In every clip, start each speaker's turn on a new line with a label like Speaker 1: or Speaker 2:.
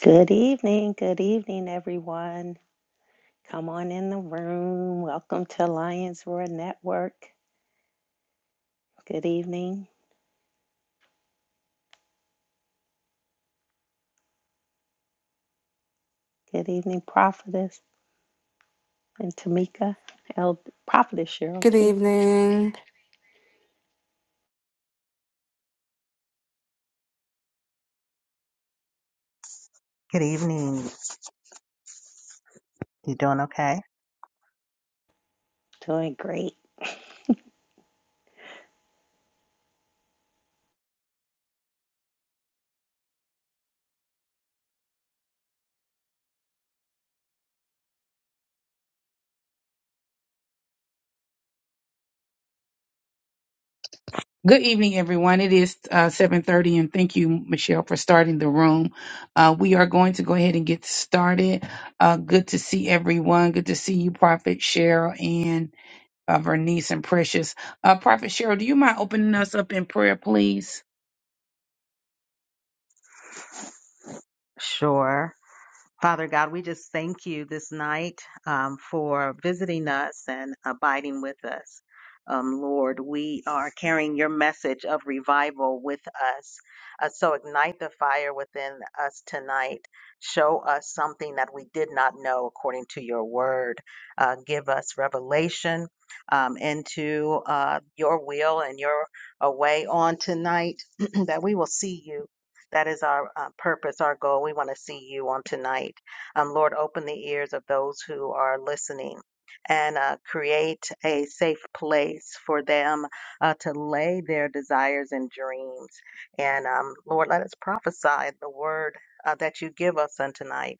Speaker 1: Good evening, good evening, everyone. Come on in the room. Welcome to Lions Roar Network. Good evening, good evening, Prophetess and Tamika. El- Prophetess Cheryl,
Speaker 2: Good
Speaker 1: too.
Speaker 2: evening.
Speaker 3: Good evening. You doing okay?
Speaker 1: Doing great.
Speaker 4: Good evening, everyone. It is uh, 7.30, and thank you, Michelle, for starting the room. Uh, we are going to go ahead and get started. Uh, good to see everyone. Good to see you, Prophet Cheryl and uh, Vernice and Precious. Uh, Prophet Cheryl, do you mind opening us up in prayer, please?
Speaker 3: Sure. Father God, we just thank you this night um, for visiting us and abiding with us. Um, Lord, we are carrying your message of revival with us. Uh, so ignite the fire within us tonight. Show us something that we did not know according to your word. Uh, give us revelation um, into uh, your will and your uh, way on tonight that we will see you That is our uh, purpose, our goal. We want to see you on tonight. Um, Lord, open the ears of those who are listening and uh, create a safe place for them uh, to lay their desires and dreams. And um, Lord, let us prophesy the word uh, that you give us on tonight.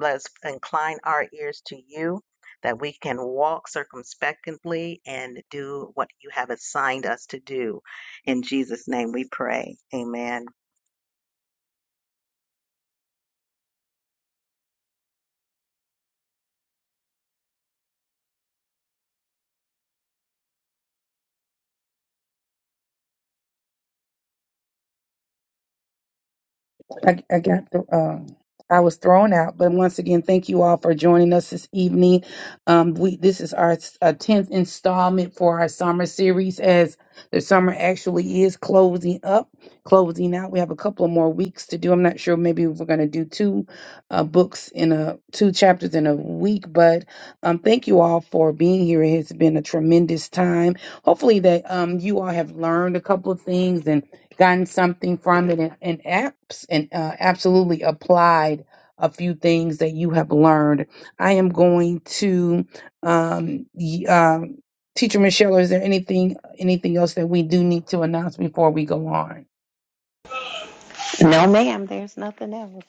Speaker 3: Let us incline our ears to you that we can walk circumspectly and do what you have assigned us to do. In Jesus' name we pray. Amen.
Speaker 4: I, I got the, um, I was thrown out, but once again, thank you all for joining us this evening. Um, we this is our uh, tenth installment for our summer series, as the summer actually is closing up, closing out. We have a couple of more weeks to do. I'm not sure. Maybe we're going to do two uh, books in a two chapters in a week, but um, thank you all for being here. It has been a tremendous time. Hopefully that um you all have learned a couple of things and gotten something from it and, and apps and uh, absolutely applied a few things that you have learned. I am going to um, y- um, teacher Michelle. Is there anything anything else that we do need to announce before we go on?
Speaker 1: No, ma'am, there's nothing else.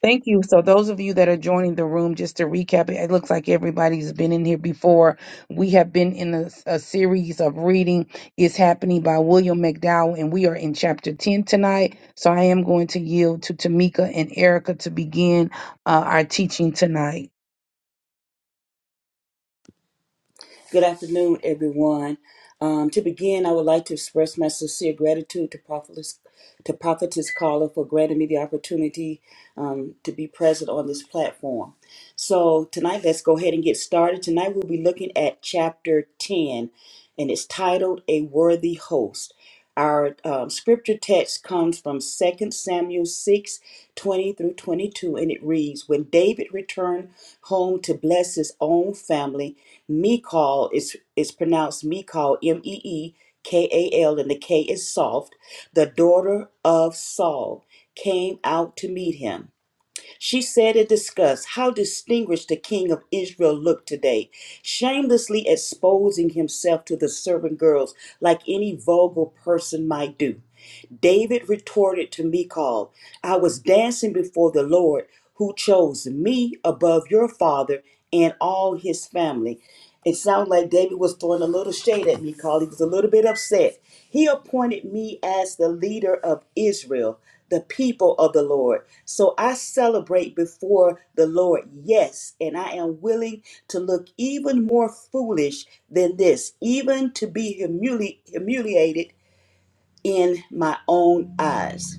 Speaker 4: Thank you. So, those of you that are joining the room, just to recap, it looks like everybody's been in here before. We have been in a, a series of reading is happening by William McDowell, and we are in chapter ten tonight. So, I am going to yield to Tamika and Erica to begin uh, our teaching tonight.
Speaker 5: Good afternoon, everyone. Um, to begin, I would like to express my sincere gratitude to Prophetess, to Prophetess Carla for granting me the opportunity um, to be present on this platform. So, tonight, let's go ahead and get started. Tonight, we'll be looking at chapter 10, and it's titled A Worthy Host. Our um, scripture text comes from Second Samuel 6 20 through 22, and it reads When David returned home to bless his own family, Michal is, is pronounced Michal, M E E K A L, and the K is soft, the daughter of Saul, came out to meet him. She said and discussed how distinguished the king of Israel looked today, shamelessly exposing himself to the servant girls like any vulgar person might do. David retorted to Michal, I was dancing before the Lord who chose me above your father and all his family. It sounds like David was throwing a little shade at Michal. He was a little bit upset. He appointed me as the leader of Israel, the people of the Lord. So I celebrate before the Lord, yes, and I am willing to look even more foolish than this, even to be humili- humiliated in my own eyes.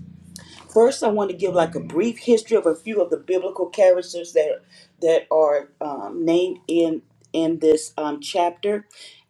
Speaker 5: First, I want to give like a brief history of a few of the biblical characters that that are um, named in in this um, chapter,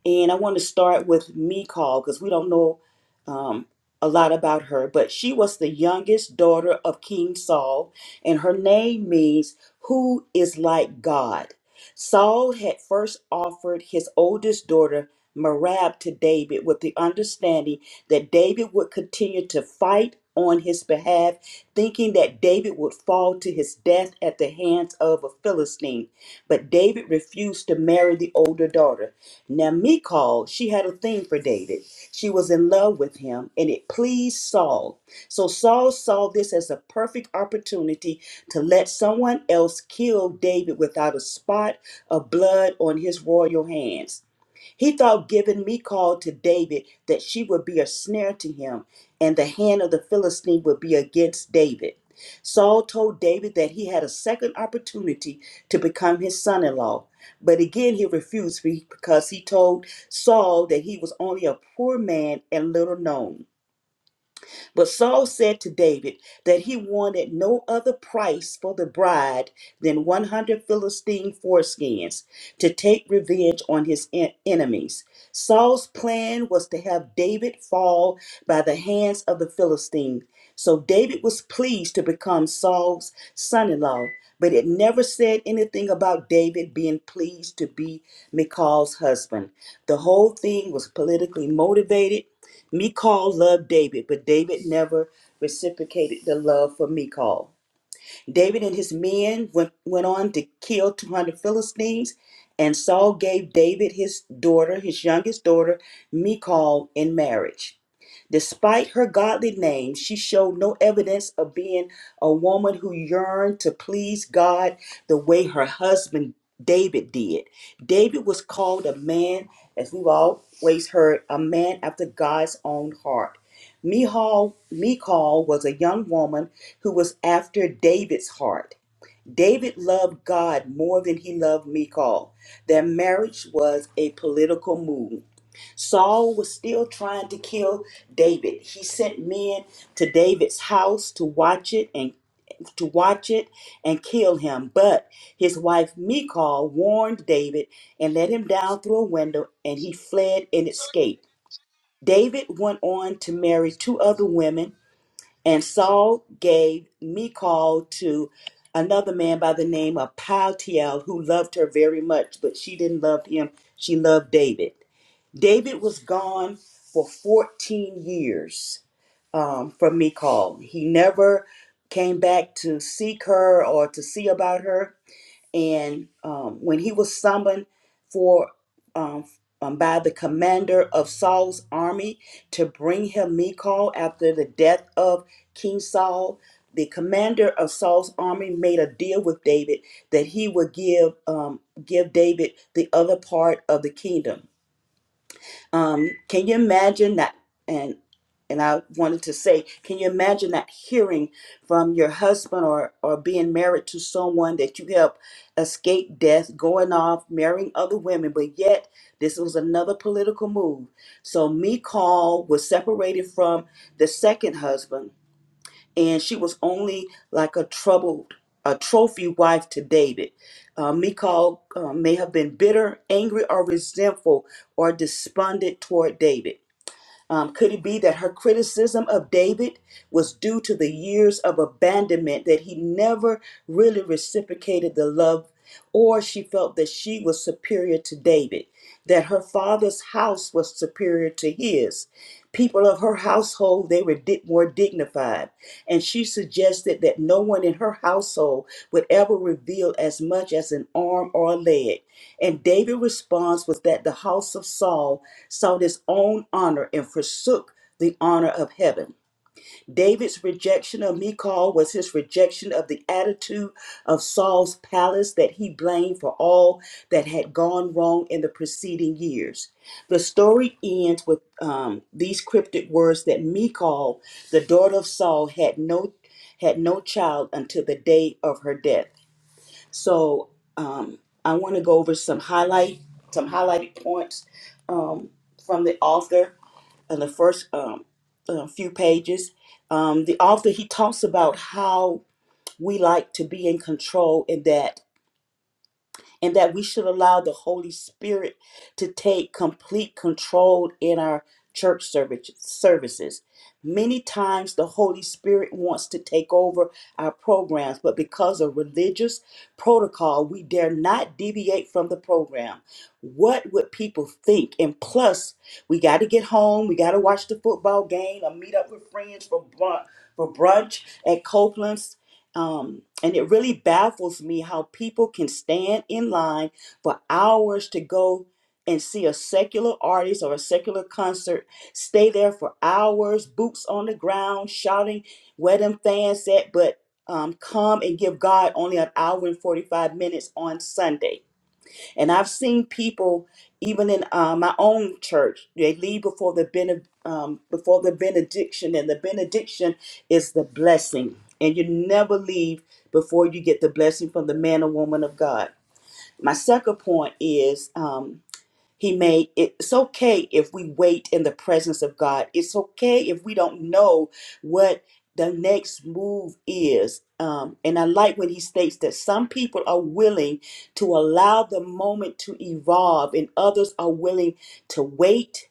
Speaker 5: and I want to start with Michal because we don't know um, a lot about her, but she was the youngest daughter of King Saul, and her name means "who is like God." Saul had first offered his oldest daughter Merab to David with the understanding that David would continue to fight on his behalf, thinking that David would fall to his death at the hands of a Philistine. But David refused to marry the older daughter. Now, Michal, she had a thing for David. She was in love with him, and it pleased Saul. So Saul saw this as a perfect opportunity to let someone else kill David without a spot of blood on his royal hands. He thought giving Michal to David that she would be a snare to him, and the hand of the Philistine would be against David. Saul told David that he had a second opportunity to become his son in law. But again, he refused because he told Saul that he was only a poor man and little known. But Saul said to David that he wanted no other price for the bride than 100 Philistine foreskins to take revenge on his en- enemies. Saul's plan was to have David fall by the hands of the Philistine. So David was pleased to become Saul's son in law, but it never said anything about David being pleased to be Michal's husband. The whole thing was politically motivated Michal loved David, but David never reciprocated the love for Michal. David and his men went, went on to kill 200 Philistines, and Saul gave David his daughter, his youngest daughter, Michal, in marriage. Despite her godly name, she showed no evidence of being a woman who yearned to please God the way her husband David did. David was called a man, as we've always heard, a man after God's own heart. Michal, Michal was a young woman who was after David's heart. David loved God more than he loved Michal. Their marriage was a political move. Saul was still trying to kill David. He sent men to David's house to watch it and to watch it and kill him. But his wife Michal warned David and let him down through a window, and he fled and
Speaker 6: Second.
Speaker 5: escaped. David went on to marry two other women, and Saul gave Michal to another man by the name of Paltiel, who loved her very much, but she didn't love him. She loved David. David was gone for 14 years um, from Michal. He never came back to seek her or to see about her. And um, when he was summoned for um, um, by the commander of Saul's army to bring him Michal after the death of King Saul, the commander of Saul's army made a deal with David that he would give um, give David the other part of the kingdom um, can you imagine that? And and I wanted to say, can you imagine that hearing from your husband or or being married to someone that you helped escape death, going off, marrying other women, but yet this was another political move. So Mikal was separated from the second husband and she was only like a troubled, a trophy wife to David. Uh, Michal uh, may have been bitter, angry, or resentful, or despondent toward David. Um, could it be that her criticism of David was due to the years of abandonment, that he never really reciprocated the love, or she felt that she was superior to David, that her father's house was superior to his? People of her household, they were di- more dignified. And she suggested that no one in her household would ever reveal as much as an arm or a leg. And David's response was that the house of Saul sought his own honor and forsook the honor of heaven. David's rejection of Michal was his rejection of the attitude of Saul's palace that he blamed for all that had gone wrong in the preceding years. The story ends with um, these cryptic words that Michal, the daughter of Saul, had no had no child until the day of her death. So um, I want to go over some highlight, some highlighted points um, from the author in the first um, uh, few pages. Um, the author he talks about how we like to be in control, and that and that we should allow the Holy Spirit to take complete control in our church service, services. Many times the Holy Spirit wants to take over our programs, but because of religious protocol, we dare not deviate from the program. What would people think? And plus, we got to get home, we got to watch the football game, or meet up with friends for brunch, for brunch at Copeland's um, and it really baffles me how people can stand in line for hours to go and see a secular artist or a secular concert, stay there for hours, boots on the ground, shouting where them fans at, but um, come and give God only an hour and 45 minutes on Sunday. And I've seen people, even in uh, my own church, they leave before the bene- um, before the benediction, and the benediction is the blessing. And you never leave before you get the blessing from the man or woman of God. My second point is. um, he made it's okay if we wait in the presence of God. It's okay if we don't know what the next move is. Um, and I like when he states that some people are willing to allow the moment to evolve, and others are willing to wait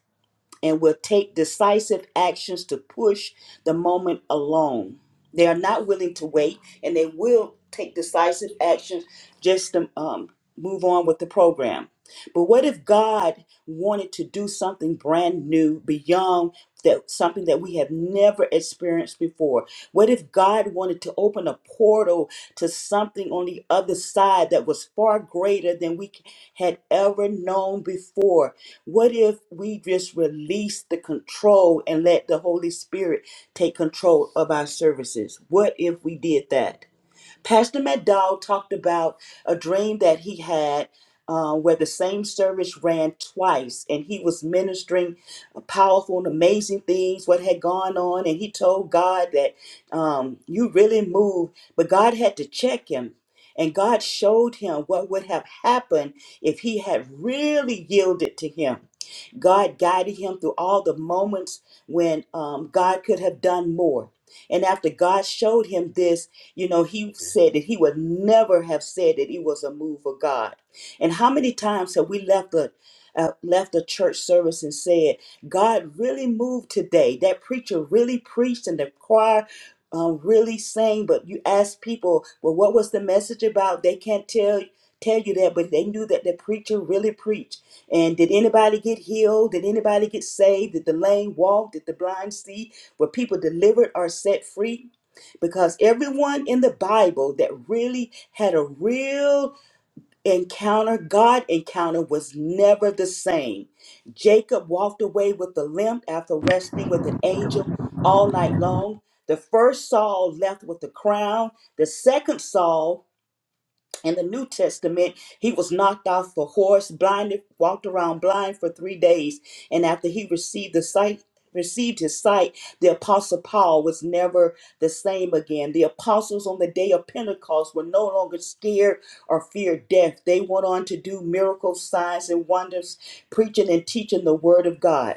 Speaker 5: and will take decisive actions to push the moment along. They are not willing to wait, and they will take decisive actions just to um, move on with the program. But what if God wanted to do something brand new beyond that something that we have never experienced before? What if God wanted to open a portal to something on the other side that was far greater than we c- had ever known before? What if we just release the control and let the Holy Spirit take control of our services? What if we did that? Pastor McDowell talked about a dream that he had uh, where the same service ran twice and he was ministering powerful and amazing things, what had gone on. And he told God that um, you really moved, but God had to check him. And God showed him what would have happened if he had really yielded to him. God guided him through all the moments when um, God could have done more. And after God showed him this, you know, he said that he would never have said that it was a move of God. And how many times have we left a uh, left a church service and said, God really moved today. That preacher really preached, and the choir um, really sang. But you ask people, well, what was the message about? They can't tell tell you that, but they knew that the preacher really preached and did anybody get healed? Did anybody get saved? Did the lame walk? Did the blind see? Were people delivered or set free? Because everyone in the Bible that really had a real encounter, God encounter, was never the same. Jacob walked away with a limp after wrestling with an angel all night long. The first Saul left with a crown. The second Saul in the New Testament, he was knocked off a horse, blinded, walked around blind for three days. And after he received the sight, received his sight, the apostle Paul was never the same again. The apostles on the day of Pentecost were no longer scared or feared death. They went on to do miracles, signs, and wonders, preaching and teaching the word of God.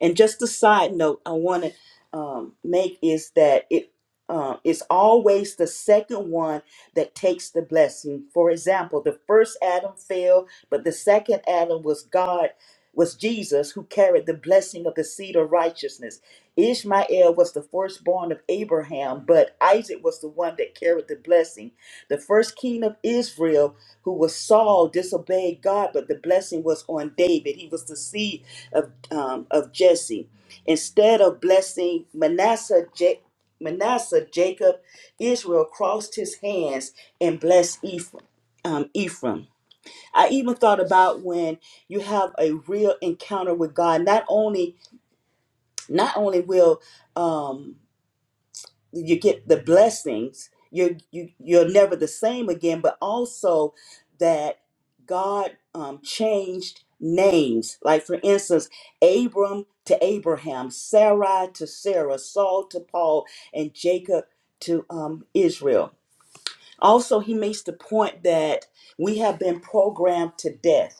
Speaker 5: And just a side note I want to um, make is that it uh, it's always the second one that takes the blessing. For example, the first Adam fell, but the second Adam was God, was Jesus who carried the blessing of the seed of righteousness. Ishmael was the firstborn of Abraham, but Isaac was the one that carried the blessing. The first king of Israel, who was Saul, disobeyed God, but the blessing was on David. He was the seed of, um, of Jesse. Instead of blessing Manasseh, Ja- Manasseh, Jacob, Israel crossed his hands and blessed Ephraim. Um, Ephraim. I even thought about when you have a real encounter with God. Not only, not only will um, you get the blessings you're you, you're never the same again but also that god um, changed names like for instance abram to abraham sarai to sarah saul to paul and jacob to um, israel also he makes the point that we have been programmed to death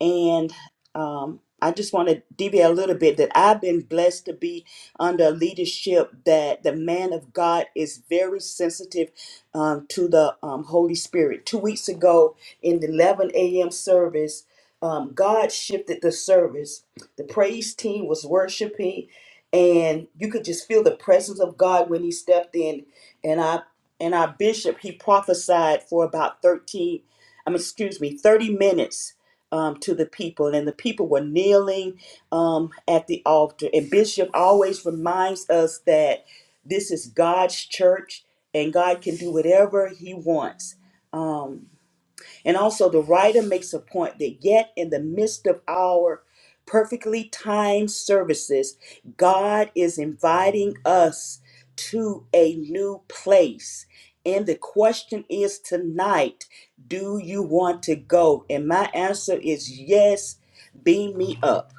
Speaker 5: and um, I just want to deviate a little bit that I've been blessed to be under leadership that the man of God is very sensitive um, to the um, Holy Spirit. Two weeks ago in the 11 a.m. service, um, God shifted the service. The praise team was worshiping, and you could just feel the presence of God when He stepped in. And I and our bishop he prophesied for about 13, I mean, excuse me, 30 minutes um, to the people, and the people were kneeling um, at the altar. And Bishop always reminds us that this is God's church, and God can do whatever He wants. Um, and also, the writer makes a point that yet in the midst of our perfectly timed services, God is inviting us to a new place. And the question is tonight, do you want to go? And my answer is yes, beam me up.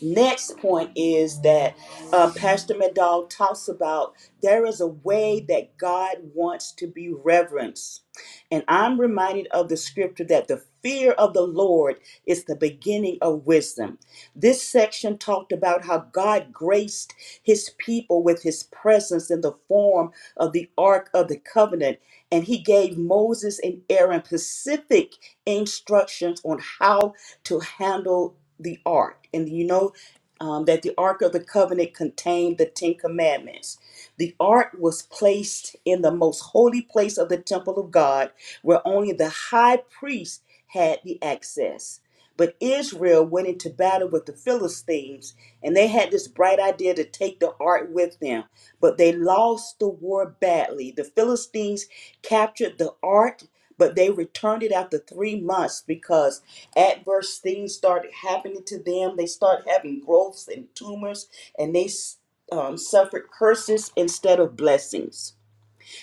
Speaker 5: Next point is that uh, Pastor Medall talks about there is a way that God wants to be reverenced. And I'm reminded of the scripture that the fear of the Lord is the beginning of wisdom. This section talked about how God graced his people with his presence in the form of the Ark of the Covenant. And he gave Moses and Aaron specific instructions on how to handle the ark. And you know, um, that the Ark of the Covenant contained the Ten Commandments. The Ark was placed in the most holy place of the temple of God, where only the high priest had the access. But Israel went into battle with the Philistines, and they had this bright idea to take the ark with them. But they lost the war badly. The Philistines captured the ark, but they returned it after three months because adverse things started happening to them. They started having growths and tumors, and they um, suffered curses instead of blessings.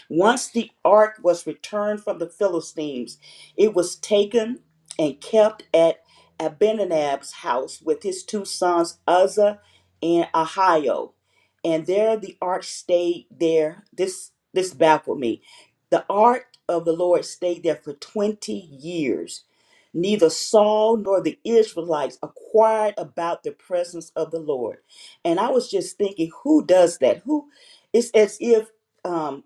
Speaker 5: Once the ark was returned from the Philistines, it was taken and kept at Abinadab's house with his two sons Uzzah and Ahio. And there the ark stayed there. This this baffled me. The ark of the Lord stayed there for 20 years. Neither Saul nor the Israelites acquired about the presence of the Lord. And I was just thinking, who does that? Who it's as if um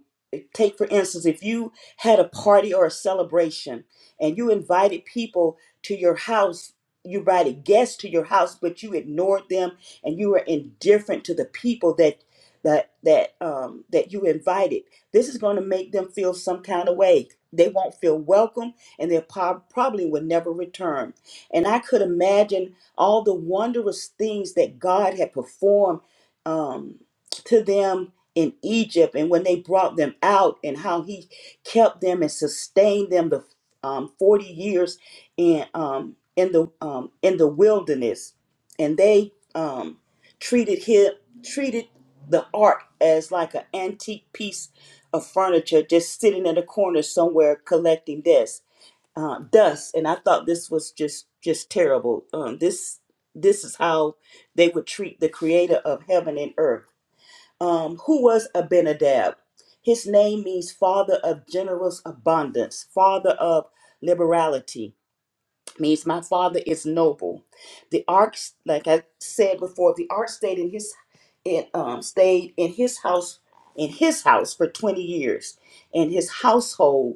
Speaker 5: take for instance if you had a party or a celebration and you invited people to your house you invited guests to your house but you ignored them and you were indifferent to the people that that that um that you invited this is going to make them feel some kind of way they won't feel welcome and they prob- probably will never return and i could imagine all the wondrous things that god had performed um to them in Egypt and when they brought them out and how he kept them and sustained them the um, 40 years in um, in the um, in the wilderness and they um, treated him treated the ark as like an antique piece of furniture just sitting in a corner somewhere collecting dust uh, dust and I thought this was just just terrible um, this this is how they would treat the creator of heaven and earth um, who was Abinadab. His name means father of generous abundance, father of liberality, means my father is noble. The ark, like I said before, the ark stayed in his it um, stayed in his house in his house for 20 years and his household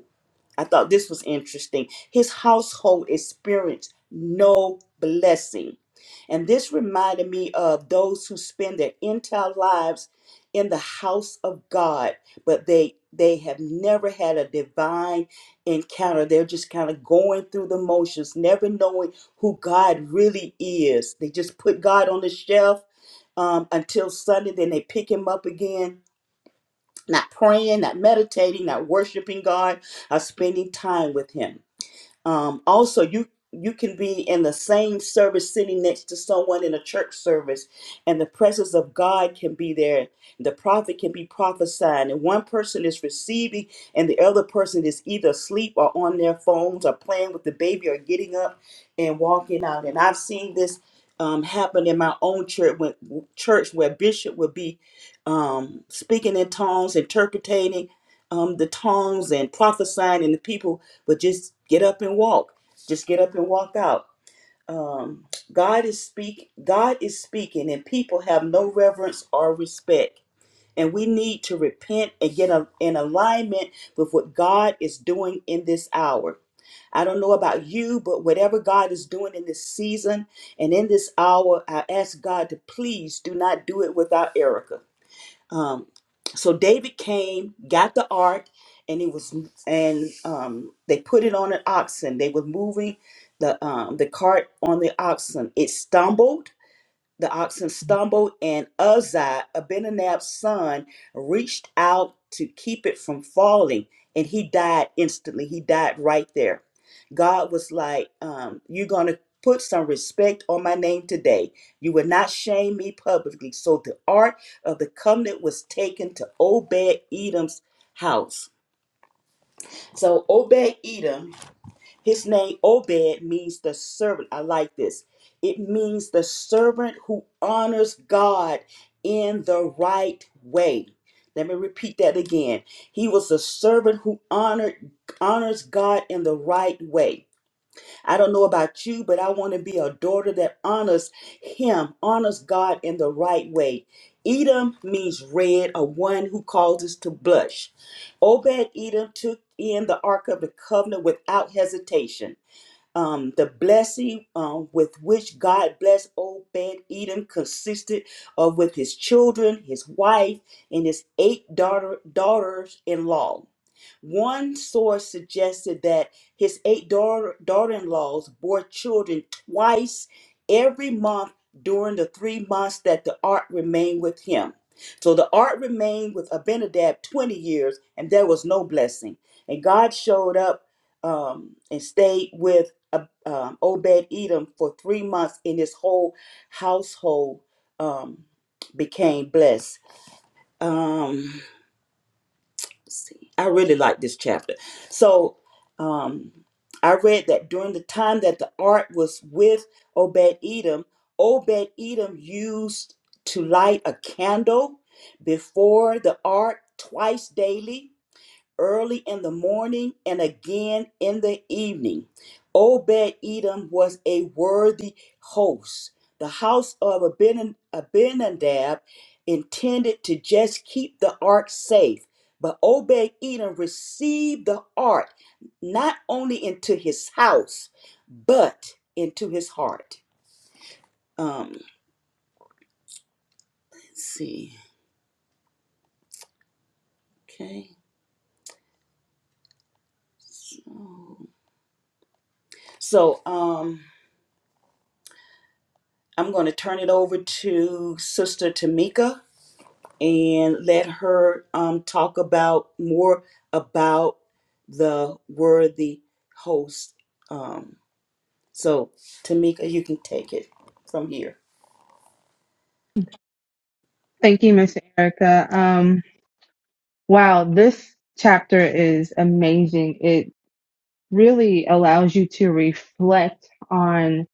Speaker 5: I thought this was interesting. His household experienced no blessing. And this reminded me of those who spend their entire lives in the house of God, but they they have never had a divine encounter. They're just kind of going through the motions, never knowing who God really is. They just put God on the shelf um, until Sunday, then they pick him up again not praying, not meditating, not worshiping God, or spending time with Him um, also you you can be in the same service sitting next to someone in a church service and the presence of god can be there the prophet can be prophesying and one person is receiving and the other person is either asleep or on their phones or playing with the baby or getting up and walking out and i've seen this um, happen in my own church when church where bishop would be um, speaking in tongues interpreting um, the tongues and prophesying and the people but just get up and walk just get up and walk out um, god is speak god is speaking and people have no reverence or respect and we need to repent and get a, in alignment with what god is doing in this hour i don't know about you but whatever god is doing in this season and in this hour i ask god to please do not do it without erica um, so David came, got the ark, and it was and um, they put it on an oxen. They were moving the um, the cart on the oxen. It stumbled the oxen stumbled, and Uzziah, Abinadab's son, reached out to keep it from falling, and he died instantly. He died right there. God was like, um, You're going to put some respect on my name today. You will not shame me publicly. So the ark of the covenant was taken to Obed Edom's house. So Obed Edom his name Obed means the servant. I like this. It means the servant who honors God in the right way. Let me repeat that again. He was a servant who honored honors God in the right way. I don't know about you, but I want to be a daughter that honors him, honors God in the right way. Edom means red, or one who causes to blush. Obed Edom took in the Ark of the Covenant without hesitation. Um, the blessing um, with which God blessed Obed Edom consisted of with his children, his wife, and his eight daughter daughters in law. One source suggested that his eight daughter in laws bore children twice every month during the three months that the ark remained with him. So the ark remained with Abinadab 20 years, and there was no blessing. And God showed up um, and stayed with Ob- um, Obed Edom for three months, and his whole household um, became blessed. Um, see. I really like this chapter. So um, I read that during the time that the ark was with Obed Edom, Obed Edom used to light a candle before the ark twice daily early in the morning and again in the evening. Obed Edom was a worthy host. The house of Aben- Abinadab intended to just keep the ark safe, but Obed Edom received the ark not only into his house, but into his heart. Um, let's see. Okay. So, so um, I'm going to turn it over to Sister Tamika. and let her um, talk about more about the worthy host. Um, so, Tamika, you can take it from here.
Speaker 2: Thank you, Miss Erica. Um, wow, this chapter is amazing. It really allows you to reflect on,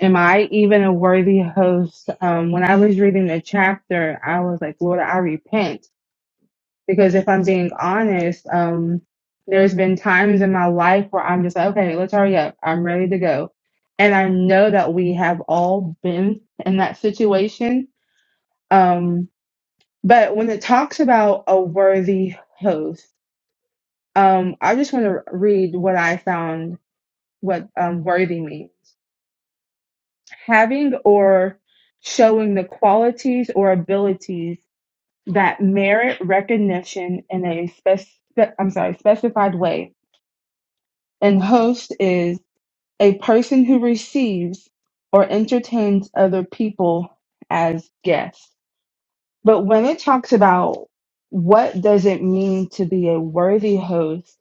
Speaker 2: am I even a worthy host? Um, when I was reading the chapter, I was like, Lord, I repent. Because if I'm being honest, um, there's been times in my life where I'm just like, okay, let's hurry up. I'm ready to go. And I know that we have all been in that situation. Um, But when it talks about a worthy host, um, I just want to read what I found what um, worthy means having or showing the qualities or abilities that merit recognition in a spec- I'm sorry, specified way. And host is a person who receives or entertains other people as guests. But when it talks about what does it mean to be a worthy host,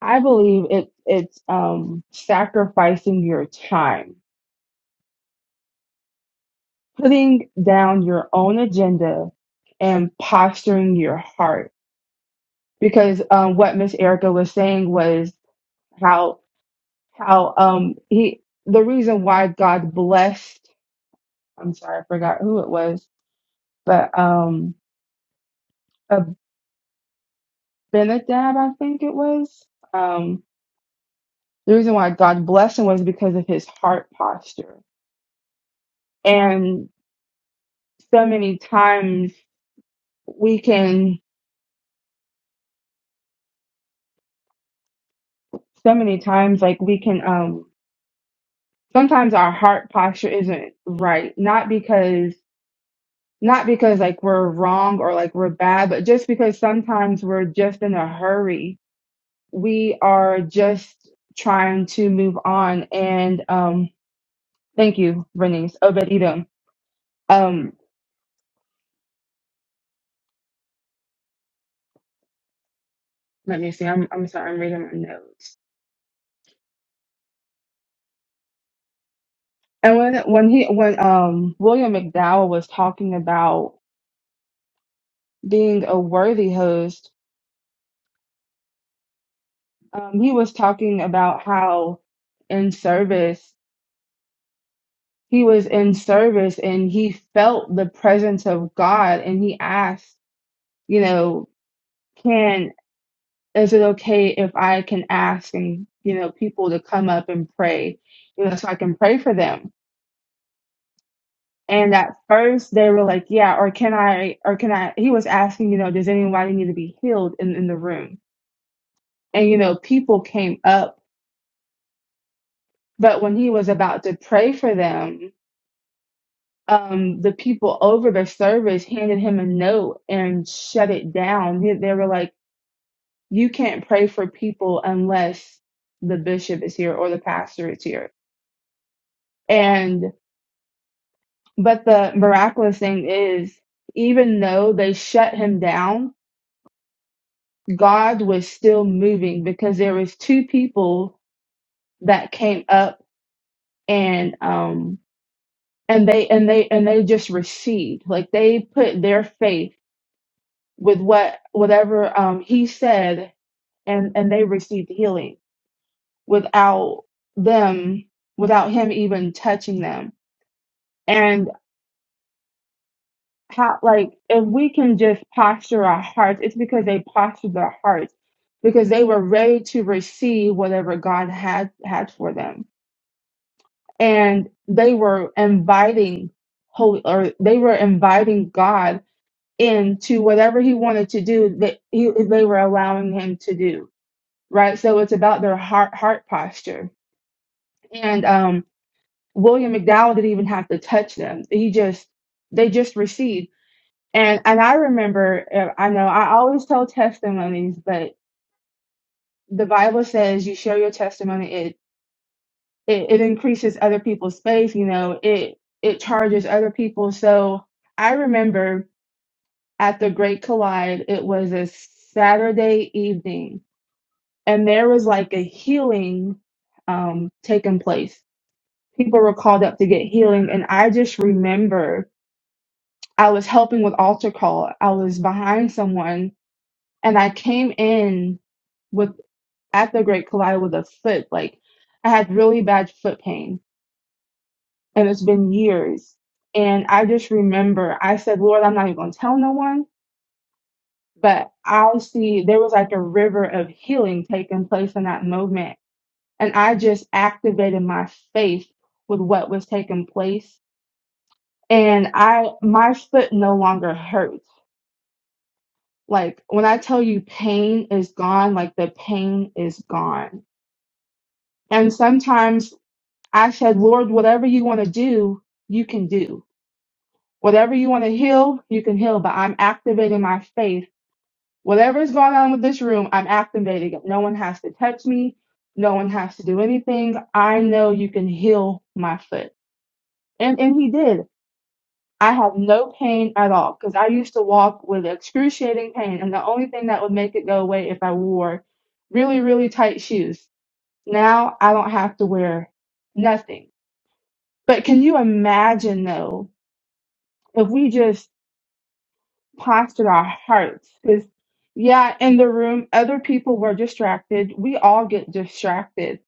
Speaker 2: I believe it, it's um, sacrificing your time, putting down your own agenda, and posturing your heart. Because um, what Miss Erica was saying was how how um, he the reason why God blessed. I'm sorry, I forgot who it was, but um, Abinadab, I think it was. Um, the reason why God blessed him was because of his heart posture. And so many times we can so many times like we can um sometimes our heart posture isn't right not because not because like we're wrong or like we're bad but just because sometimes we're just in a hurry we are just trying to move on and um thank you Bernice Obed Edom um let me see I'm I'm sorry I'm reading my notes and when when he when um William McDowell was talking about being a worthy host um, he was talking about how in service he was in service and he felt the presence of God and he asked, you know, can is it okay if I can ask and you know people to come up and pray, you know, so I can pray for them. And at first they were like, yeah, or can I, or can I? He was asking, you know, does anybody need to be healed in, in the room? And you know, people came up, but when he was about to pray for them, um, the people over the service handed him a note and shut it down. They, they were like, you can't pray for people unless the bishop is here or the pastor is here. And, but the miraculous thing is, even though they shut him down, God was still moving because there was two people that came up and, um, and they, and they, and they just received, like they put their faith with what, whatever, um, he said and and they received healing without them without him even touching them and how like if we can just posture our hearts it's because they postured their hearts because they were ready to receive whatever god had had for them and they were inviting holy or they were inviting god into whatever he wanted to do that he, they were allowing him to do right so it's about their heart heart posture and um. William McDowell didn't even have to touch them. He just they just received. And and I remember uh, I know I always tell testimonies, but the Bible says you share your testimony. It it, it increases other people's faith. You know it it charges other people. So I remember at the Great Collide, it was a Saturday evening, and there was like a healing um, taking place. People were called up to get healing, and I just remember I was helping with altar call. I was behind someone and I came in with at the Great Collide with a foot. Like I had really bad foot pain and it's been years. And I just remember I said, Lord, I'm not even gonna tell no one, but I'll see there was like a river of healing taking place in that moment. And I just activated my faith with what was taking place. And I my foot no longer hurt. Like when I tell you pain is gone, like the pain is gone. And sometimes I said, Lord, whatever you want to do, you can do. Whatever you want to heal, you can heal. But I'm activating my faith. Whatever is going on with this room, I'm activating it. No one has to touch me. No one has to do anything. I know you can heal my foot. And and he did. I have no pain at all because I used to walk with excruciating pain, and the only thing that would make it go away if I wore really, really tight shoes. Now I don't have to wear nothing. But can you imagine though, if we just postured our hearts? Because, yeah, in the room, other people were distracted. We all get distracted.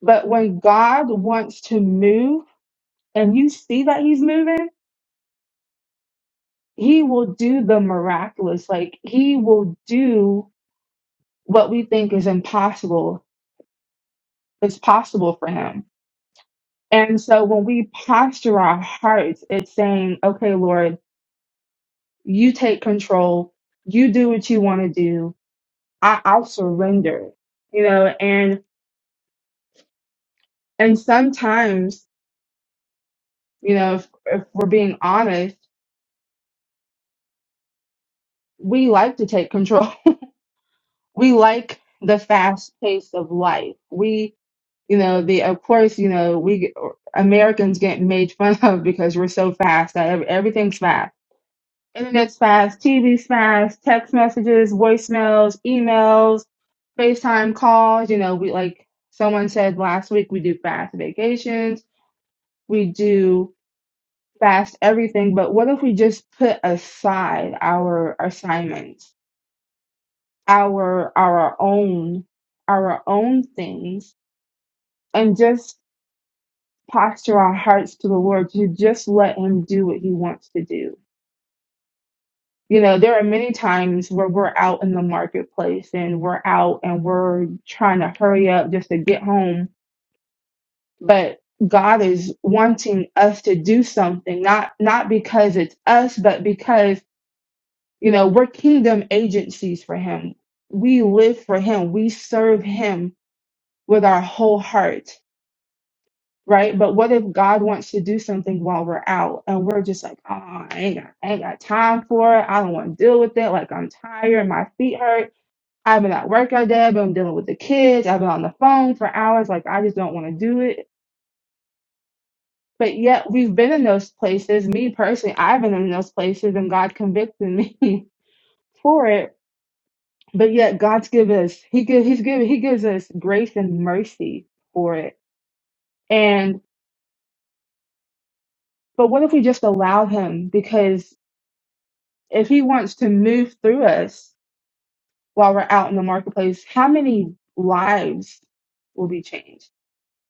Speaker 2: But when God wants to move and you see that He's moving, He will do the miraculous. Like, He will do what we think is impossible is possible for him. And so when we posture our hearts, it's saying, okay, Lord, you take control. You do what you want to do. I, I'll surrender, you know, and, and sometimes, you know, if, if we're being honest, we like to take control. We like the fast pace of life. We, you know, the, of course, you know, we, Americans get made fun of because we're so fast that ev- everything's fast internet spams, TV spams, text messages, voicemails, emails, FaceTime calls. You know, we like someone said last week, we do fast vacations, we do fast everything. But what if we just put aside our assignments, our our own our own things, and just posture our hearts to the Lord to just let Him do what He wants to do? you know, there are many times where we're out in the marketplace and we're out and we're trying to hurry up just to get home. But God is wanting us to do something, not not because it's us, but because, you know, we're kingdom agencies for him. We live for him. We serve him with our whole heart. Right. But what if God wants to do something while we're out and we're just like, oh, I ain't got, I ain't got time for it. I don't want to deal with it. Like I'm tired. My feet hurt I've been at work all day. I've been dealing with the kids. I've been on the phone for hours. Like, I just don't want to do it. But yet, we've been in those places. Me personally, I've been in those places, and God convicted me for it. But yet, God's given us. He gives. He's given. He gives us grace and mercy for it. And but what if we just allow Him? Because if He wants to move through us while we're out in the marketplace, how many lives will be changed?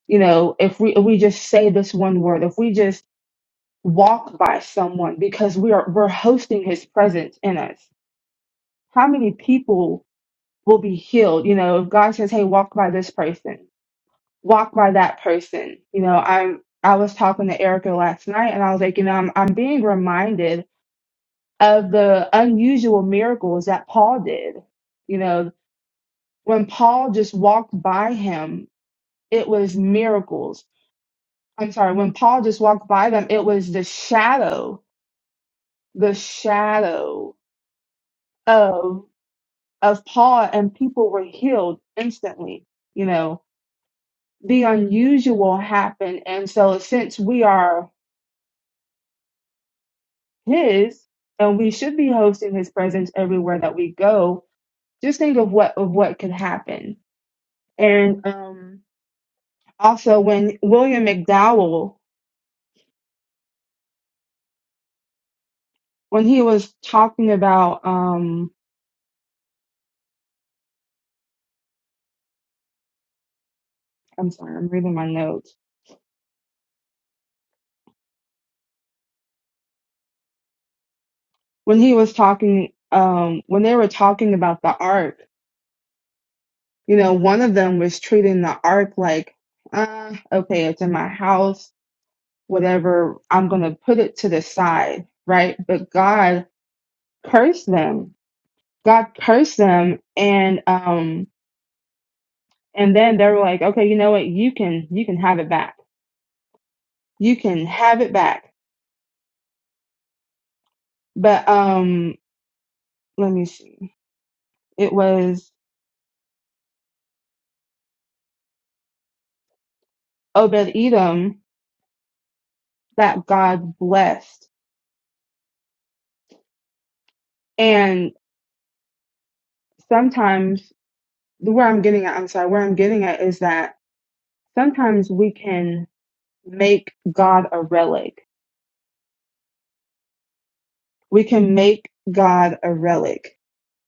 Speaker 2: You know, if we if we just say this one word, if we just walked by someone because we are we're hosting his presence in us. How many people will be healed? You know, if God says, Hey, walk by this person, walk by that person. You know, I'm I was talking to Erica last night and I was like, you know, I'm I'm being reminded of the unusual miracles that Paul did. You know, when Paul just walked by him, it was miracles. I'm sorry, when Paul just walked by them, it was the shadow, the shadow of Paul and people were healed instantly. You know, the unusual happened. And so since we are his and we should be hosting his presence everywhere that we go, just think of what of what could happen. And um also when William McDowell, when he was talking about um I'm sorry, I'm reading my notes. When he was talking um when they were talking about the ark You know, one of them was treating the ark like, uh, okay, it's in my house, whatever, I'm going to put it to the side, right? But God cursed them. God cursed them and um and then they were like, okay, you know what? You can you can have it back. You can have it back. But um let me see. It was Obed Edom that God blessed. And sometimes where I'm getting at, I'm sorry, where I'm getting at is that sometimes we can make God a relic. We can make God a relic.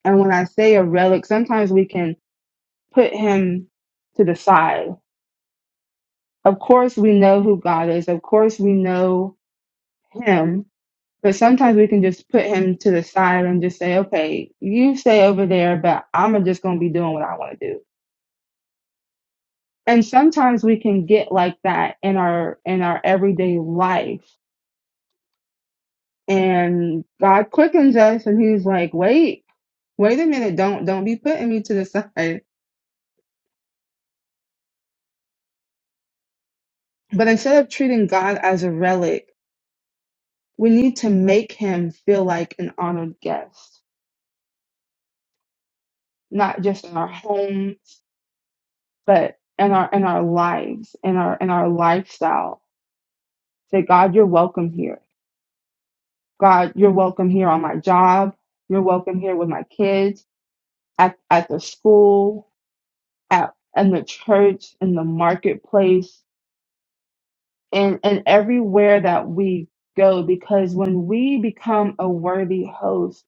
Speaker 2: And when I say a relic, sometimes we can put him to the side. Of course, we know who God is. Of course, we know him. But sometimes we can just put him to the side and just say, okay, you stay over there, but I'm just going to be doing what I want to do. And sometimes we can get like that in our, in our everyday life and God quickens us and he's like, wait, wait a minute, don't don't be putting me to the side. But instead of treating God as a relic, we need to make him feel like an honored guest, not just in our homes, but in our in our lives, in our in our lifestyle. Say, God, you're welcome here. God, you're welcome here on my job. You're welcome here with my kids, at, at the school, at in the church, in the marketplace. and and everywhere that we go because when we become a worthy host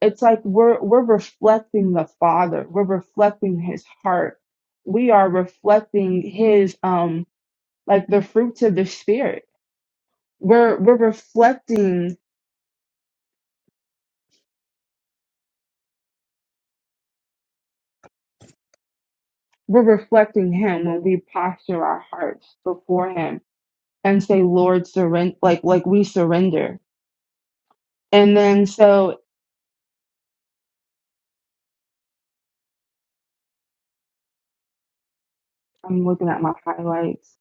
Speaker 2: it's like we're we're reflecting the father we're reflecting his heart we are reflecting his um like the fruits of the spirit we're we're reflecting we're reflecting him when we posture our hearts before him and say lord surrender like like we surrender and then so i'm looking at my highlights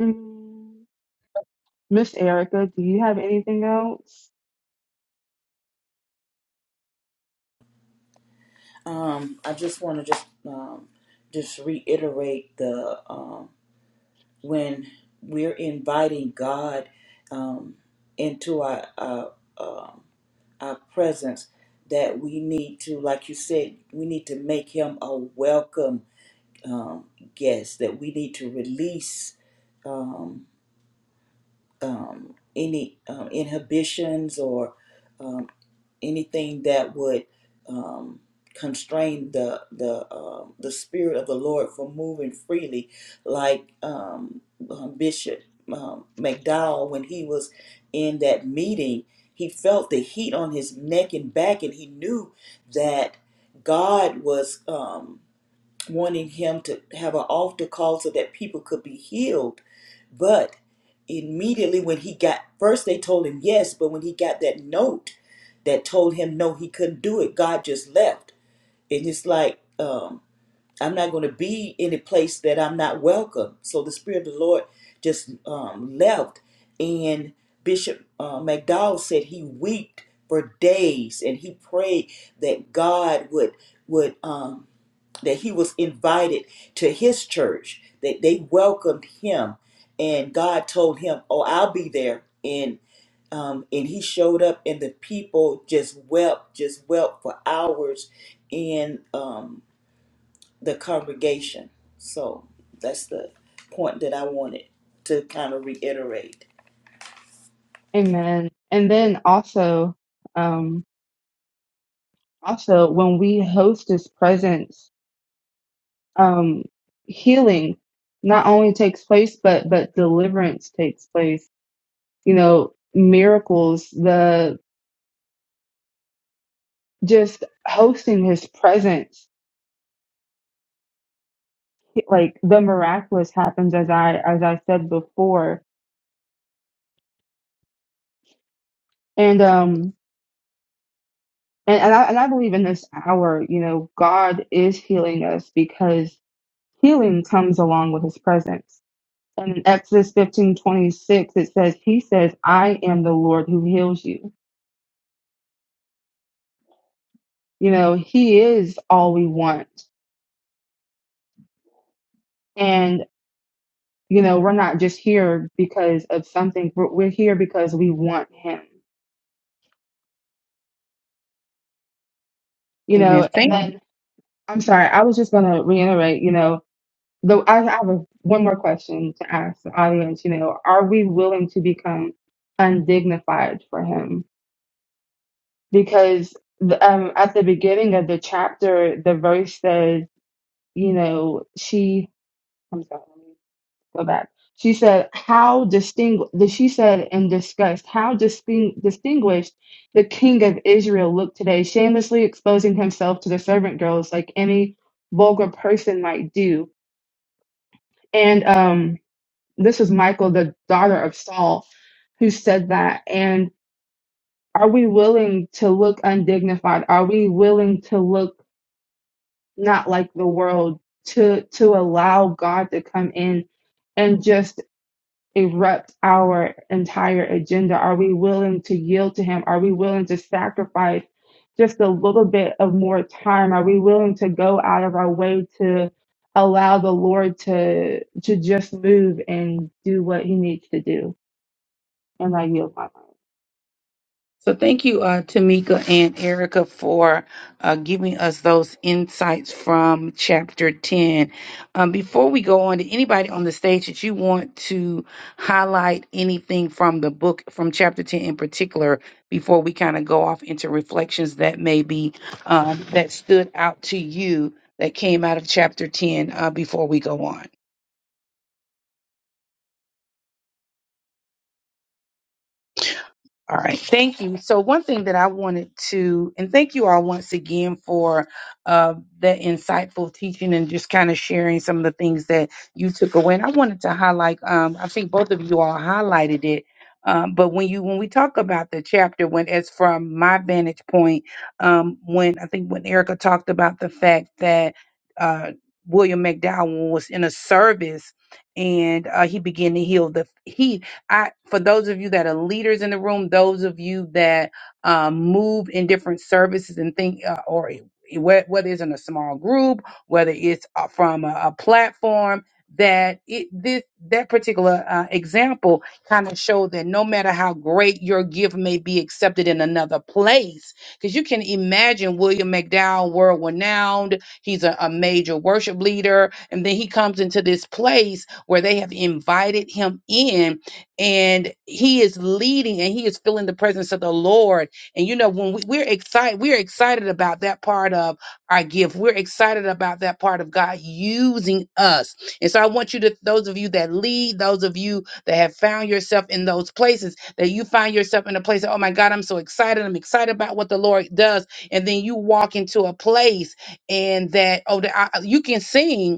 Speaker 2: Mm. Miss Erica, do you have anything else?
Speaker 5: Um, I just want to just um, just reiterate the um, when we're inviting God um, into our our, um our presence that we need to, like you said, we need to make Him a welcome um, guests that we need to release um, um, any um, inhibitions or um, anything that would um, constrain the the uh, the spirit of the Lord from moving freely, like um, um, Bishop um, McDowell when he was in that meeting. He felt the heat on his neck and back, and he knew that God was. Um, wanting him to have an altar call so that people could be healed. But immediately when he got first they told him yes, but when he got that note that told him no, he couldn't do it, God just left. And it's like, um, I'm not going to be in a place that I'm not welcome. So the Spirit of the Lord just um, left. And Bishop uh, McDowell said he wept for days and he prayed that God would would um, that he was invited to his church, that they welcomed him, and God told him, "Oh, I'll be there." And um, and he showed up, and the people just wept, just wept for hours in um, the congregation. So that's the point that I wanted to kind of reiterate.
Speaker 2: Amen. And then also, um, also when we host His presence, um, healing not only takes place, but but deliverance takes place. You know, miracles, the just hosting His presence, like the miraculous happens as I as I said before, and um. And, and, I, and I believe in this hour, you know, God is healing us because healing comes along with his presence. And in Exodus fifteen twenty six, it says, He says, I am the Lord who heals you. You know, He is all we want. And, you know, we're not just here because of something, we're, we're here because we want Him, you
Speaker 4: Amen.
Speaker 2: know.
Speaker 4: Thank
Speaker 2: And then, I'm sorry, I was just going to reiterate, you know, though I, I have a, one more question to ask the audience, you know, are we willing to become undignified for Him? because the, um, at the beginning of the chapter, the verse says, you know, she, I'm sorry, let me go back. She said, how distingu the she said in disgust, how disting- distinguished the king of Israel looked today, shamelessly exposing himself to the servant girls like any vulgar person might do. And um, this is Michael, the daughter of Saul, who said that. And are we willing to look undignified? Are we willing to look not like the world to to allow God to come in and just erupt our entire agenda? Are we willing to yield to him? Are we willing to sacrifice just a little bit of more time? Are we willing to go out of our way to allow the Lord to to just move and do what he needs to do? And I yield my mind.
Speaker 4: So thank you, uh, Tamika and Erica, for uh, giving us those insights from Chapter 10. Um, before we go on, to anybody on the stage that you want to highlight anything from the book, from Chapter 10 in particular, before we kind of go off into reflections that maybe um, that stood out to you that came out of Chapter 10 uh, before we go on? All right. Thank you. So one thing that I wanted to, and thank you all once again for uh, that insightful teaching and just kind of sharing some of the things that you took away. And I wanted to highlight, um, I think both of you all highlighted it. Um, but when you when we talk about the chapter, when it's from my vantage point, um, when I think when Erica talked about the fact that uh, William McDowell was in a service and uh, he began to heal the heathen I for those of you that are leaders in the room, those of you that um, move in different services and think, uh, or whe- whether it's in a small group, whether it's uh, from a, a platform, that it this that particular uh, example kind of showed that no matter how great your gift may be accepted in another place, because you can imagine William McDowell, world renowned, he's a, a major worship leader, and then he comes into this place where they have invited him in and he is leading and he is feeling the presence of the lord and you know when we, we're excited we're excited about that part of our gift we're excited about that part of god using us and so i want you to those of you that lead those of you that have found yourself in those places that you find yourself in a place of, oh my god i'm so excited i'm excited about what the lord does and then you walk into a place and that oh the, I, you can sing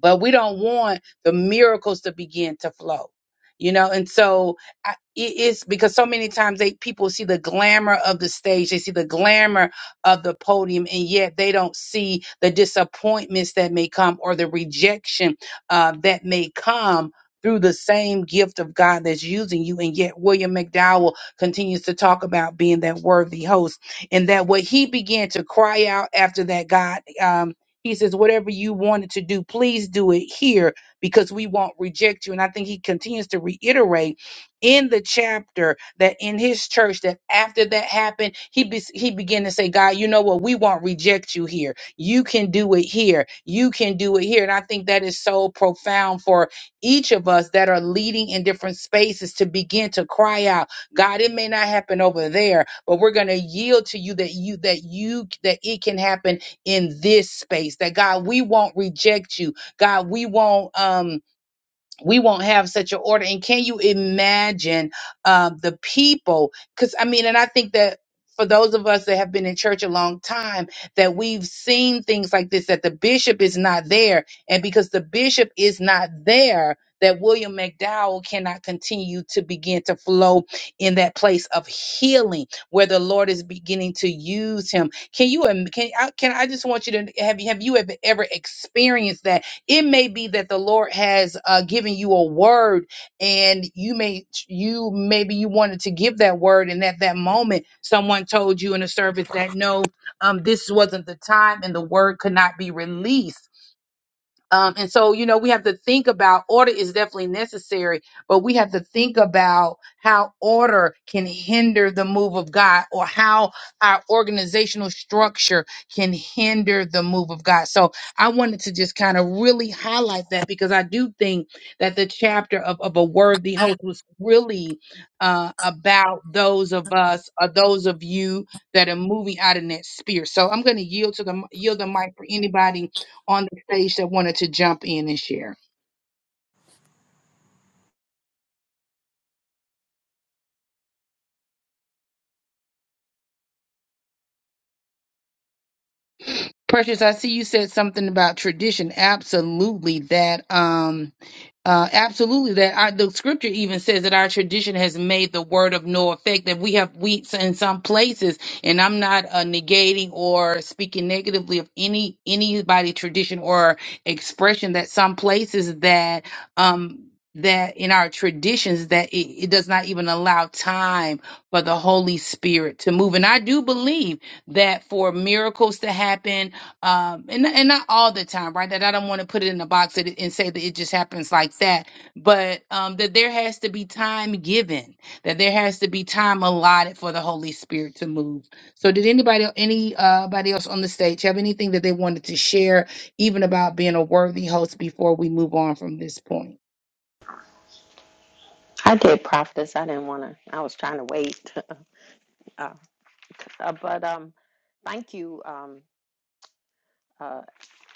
Speaker 4: but we don't want the miracles to begin to flow you know and so I, it is because so many times they people see the glamour of the stage they see the glamour of the podium and yet they don't see the disappointments that may come or the rejection uh, that may come through the same gift of God that's using you. And yet, William McDowell continues to talk about being that worthy host and that what he began to cry out after that God. Um, he says, whatever you wanted to do, please do it here because we won't reject you. And I think he continues to reiterate in the chapter that in his church, that after that happened, he, be- he began to say, God, you know what? We won't reject you here. You can do it here. You can do it here. And I think that is so profound for each of us that are leading in different spaces to begin to cry out, God, it may not happen over there, but we're going to yield to you that you, that you, that it can happen in this space. That God, we won't reject you. God, we won't um we won't have such an order. And can you imagine um, the people? Because I mean, and I think that for those of us that have been in church a long time, that we've seen things like this, that the bishop is not there, and because the bishop is not there. That William McDowell cannot continue to begin to flow in that place of healing where the Lord is beginning to use him. Can you? im- Can I? Can I just want you to have you have you ever ever experienced that? It may be that the Lord has uh, given you a word, and you may you maybe you wanted to give that word, and at that moment, someone told you in a service that no, um, this wasn't the time, and the word could not be released um, and so, you know, we have to think about order is definitely necessary, but we have to think about how order can hinder the move of God or how our organizational structure can hinder the move of God. So I wanted to just kind of really highlight that because I do think that the chapter of, of a worthy host was really uh, about those of us or those of you that are moving out in that sphere. So I'm going to yield to the yield the mic for anybody on the stage that wanted to jump in and share. Precious, I see you said something about tradition. Absolutely, that um, uh, absolutely that our, the scripture even says that our tradition has made the word of no effect. That we have we in some places, and I'm not uh, negating or speaking negatively of any anybody tradition or expression. That some places that um that in our traditions that it, it does not even allow time for the Holy Spirit to move. And I do believe that for miracles to happen um and and not all the time right that i don't want to put it in a box and, and say that it just happens like that but um that there has to be time given that there has to be time allotted for the holy spirit to move so did anybody any uh, anybody else on the stage have anything that they wanted to share even about being a worthy host before we move on from this point
Speaker 1: I did Prophetess. I didn't want to, I was trying to wait. uh, uh, but um, thank you, um,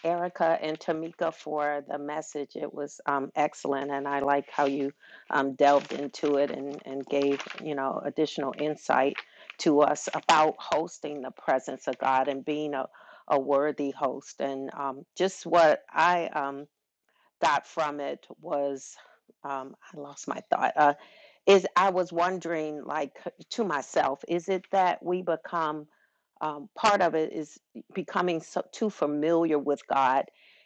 Speaker 1: Erica and Tamika for the message. It was um, excellent, and I like how you um, delved into it and, and gave you know additional insight to us about hosting the presence of God and being a, a worthy host. And um, just what I um, got from it was um, I lost my thought. Uh, is I was wondering, like to myself, is it that we become um, part of it is becoming so, too familiar with God,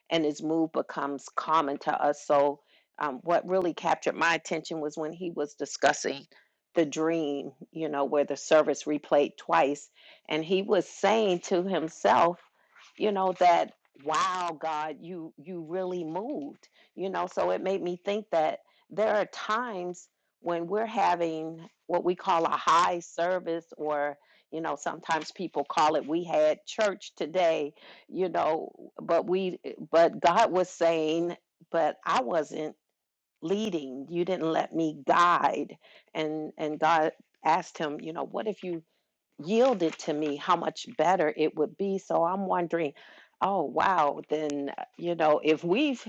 Speaker 1: and His move becomes common to us. So, um, what really captured my attention was when he was discussing the dream, you know, where the service replayed twice, and he was saying to himself, you know, that wow god you you really moved you know so it made me think that there are times when we're having what we call a high service or you know sometimes people call it we had church today you know but we but god was saying but i wasn't leading you didn't let me guide and and god asked him you know what if you yielded to me how much better it would be so i'm wondering oh wow then uh, you know if we've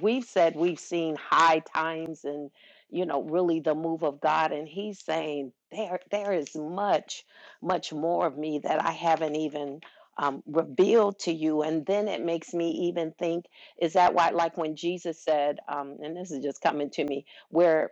Speaker 1: we've said we've seen high times and you know really the move of god and he's saying there there is much much more of me that i haven't even um, revealed to you and then it makes me even think is that why like when jesus said um, and this is just coming to me where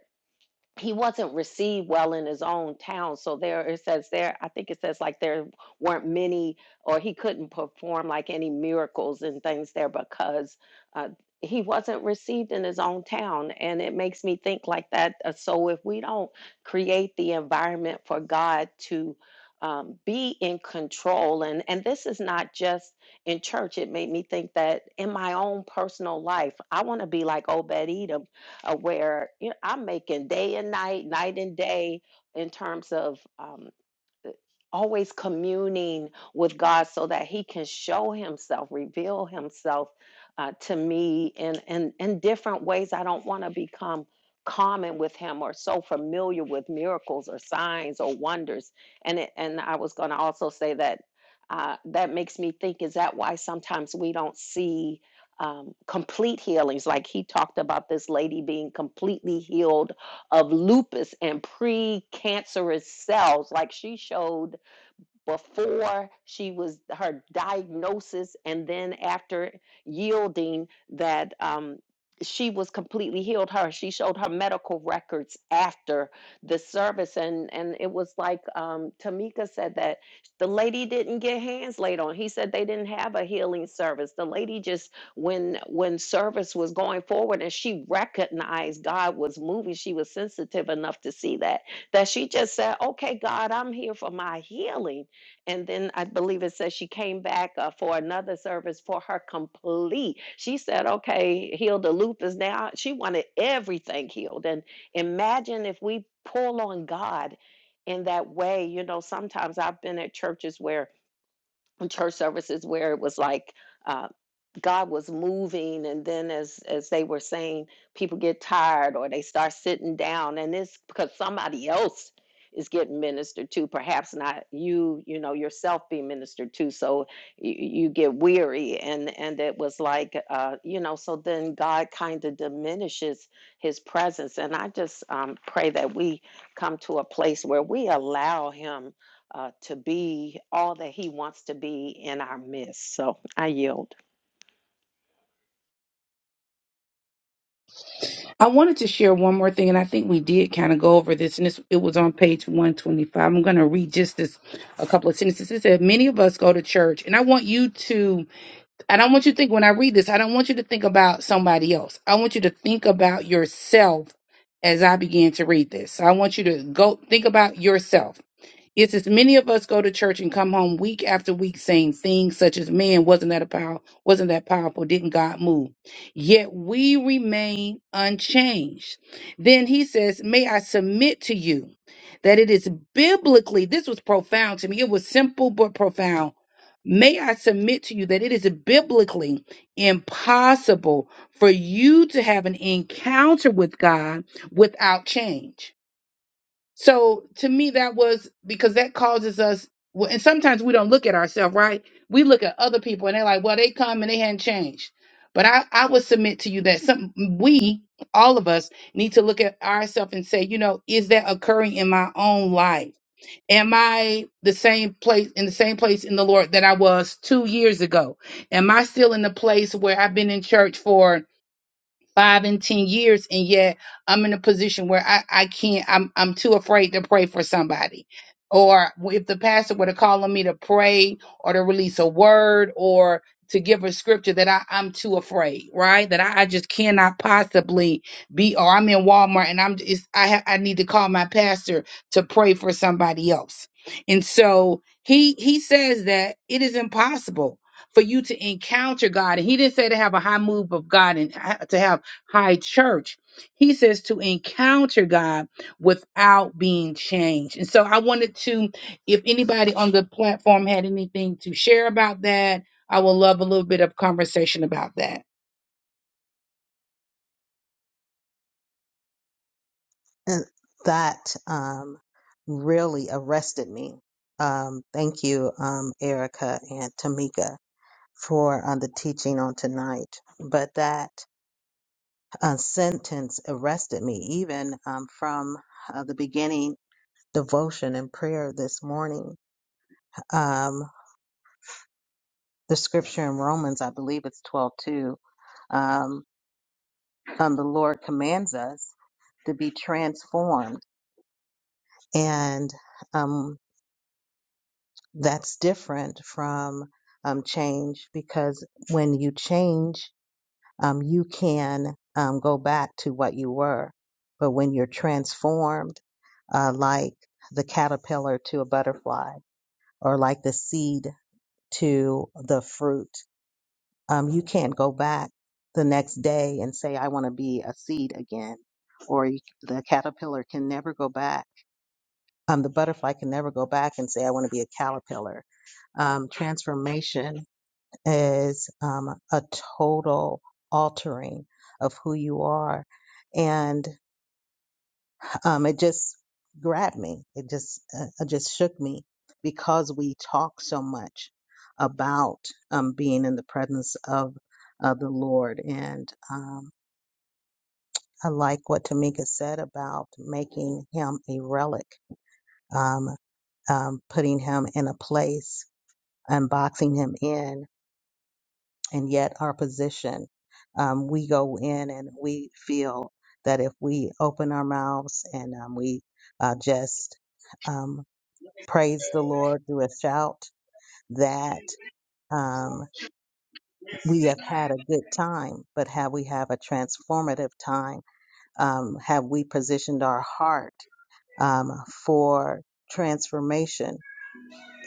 Speaker 1: he wasn't received well in his own town. So there it says there, I think it says like there weren't many or he couldn't perform like any miracles and things there because uh, he wasn't received in his own town. And it makes me think like that. Uh, So if we don't create the environment for God to um, be in control, and, and this is not just in church, it made me think that in my own personal life, I want to be like Obed Edom uh, where you know I'm making day and night, night and day in terms of um, always communing with God so that he can show himself, reveal himself uh, to me in, in, in different ways. I don't want to become common with him or so familiar with miracles or signs or wonders. And, it, and I was going to also say that uh, that makes me think, is that why sometimes we don't see um, complete healings? Like he talked about this lady being completely healed of lupus and precancerous cells, like she showed before she was her diagnosis and then after yielding that um she was completely healed her she showed her medical records after the service and and it was like um tamika said that the lady didn't get hands laid on he said they didn't have a healing service the lady just when when service was going forward and she recognized god was moving she was sensitive enough to see that that she just said okay god i'm here for my healing and then I believe it says she came back uh, for another service for her complete. She said, "Okay, heal the lupus now." She wanted everything healed, and imagine if we pull on God in that way. You know, sometimes I've been at churches where church services where it was like. uh, God was moving and then as as they were saying people get tired or they start sitting down and it's because somebody else is getting ministered to perhaps not you you know yourself being ministered to so you, you get weary and and it was like uh you know so then God kind of diminishes his presence and I just um pray that we come to a place where we allow him uh, to be all that he wants to be in our midst. So I yield.
Speaker 4: i wanted to share one more thing and i think we did kind of go over this and this, it was on page 125 i'm going to read just this a couple of sentences it said many of us go to church and i want you to I don't want you to think when I read this, I don't want you to think about somebody else. I want you to think about yourself as I begin to read this. So I want you to go think about yourself Yet, as many of us go to church and come home week after week saying things such as, "Man, wasn't that a power? Wasn't that powerful? Didn't God move?" Yet we remain unchanged. Then he says, "May I submit to you that it is biblically." This was profound to me. It was simple but profound. May I submit to you that it is biblically impossible for you to have an encounter with God without change. So to me, that was because that causes us, well, and sometimes we don't look at ourselves, right? We look at other people and they're like, well, they come and they hadn't changed. But I, I would submit to you that some we, all of us, need to look at ourselves and say, you know, is that occurring in my own life? Am I the same place in the same place in the Lord that I was two years ago? Am I still in the place where I've been in church for five and ten years and yet i'm in a position where i i can't i'm i'm too afraid to pray for somebody or if the pastor were to call on me to pray or to release a word or to give a scripture that I, I'm too afraid, right? That I, I just cannot possibly be, or I'm in Walmart and I'm just, I, ha- I need to call my pastor to pray for somebody else. And so he, he says that it is impossible for you to encounter God. And he didn't say to have a high move of God and ha- to have high church. He says to encounter God without being changed. And so I wanted to, if anybody on the platform had anything to share about that, I would love a little bit of conversation about that.
Speaker 3: And that um, really arrested me. Um, thank you, um, Erica and Tamika, for uh, the teaching on tonight. But that uh, sentence arrested me, even um, from uh, the beginning devotion and prayer this morning. Um, the scripture in Romans, I believe it's twelve two. um, um, the Lord commands us to be transformed. And um, that's different from um, change because when you change, um, you can um, go back to what you were. But when you're transformed, uh, like the caterpillar to a butterfly or like the seed to the fruit, um, you can't go back the next day and say, I want to be a seed again. Or you, the caterpillar can never go back. Um, the butterfly can never go back and say, I want to be a caterpillar um, transformation is um, a total altering of who you are. And um, it just grabbed me. It just, uh, it just shook me because we talk so much about um, being in the presence of uh, the Lord. And um, I like what Tamika said about making him a relic, um, um, putting him in a place and boxing him in and yet our position, um, we go in and we feel that if we open our mouths and um, we uh, just um, praise the Lord through a shout, that um,
Speaker 7: Yes.
Speaker 3: we have had a good time, but have we have a transformative time? Um, have we positioned our heart um, for transformation?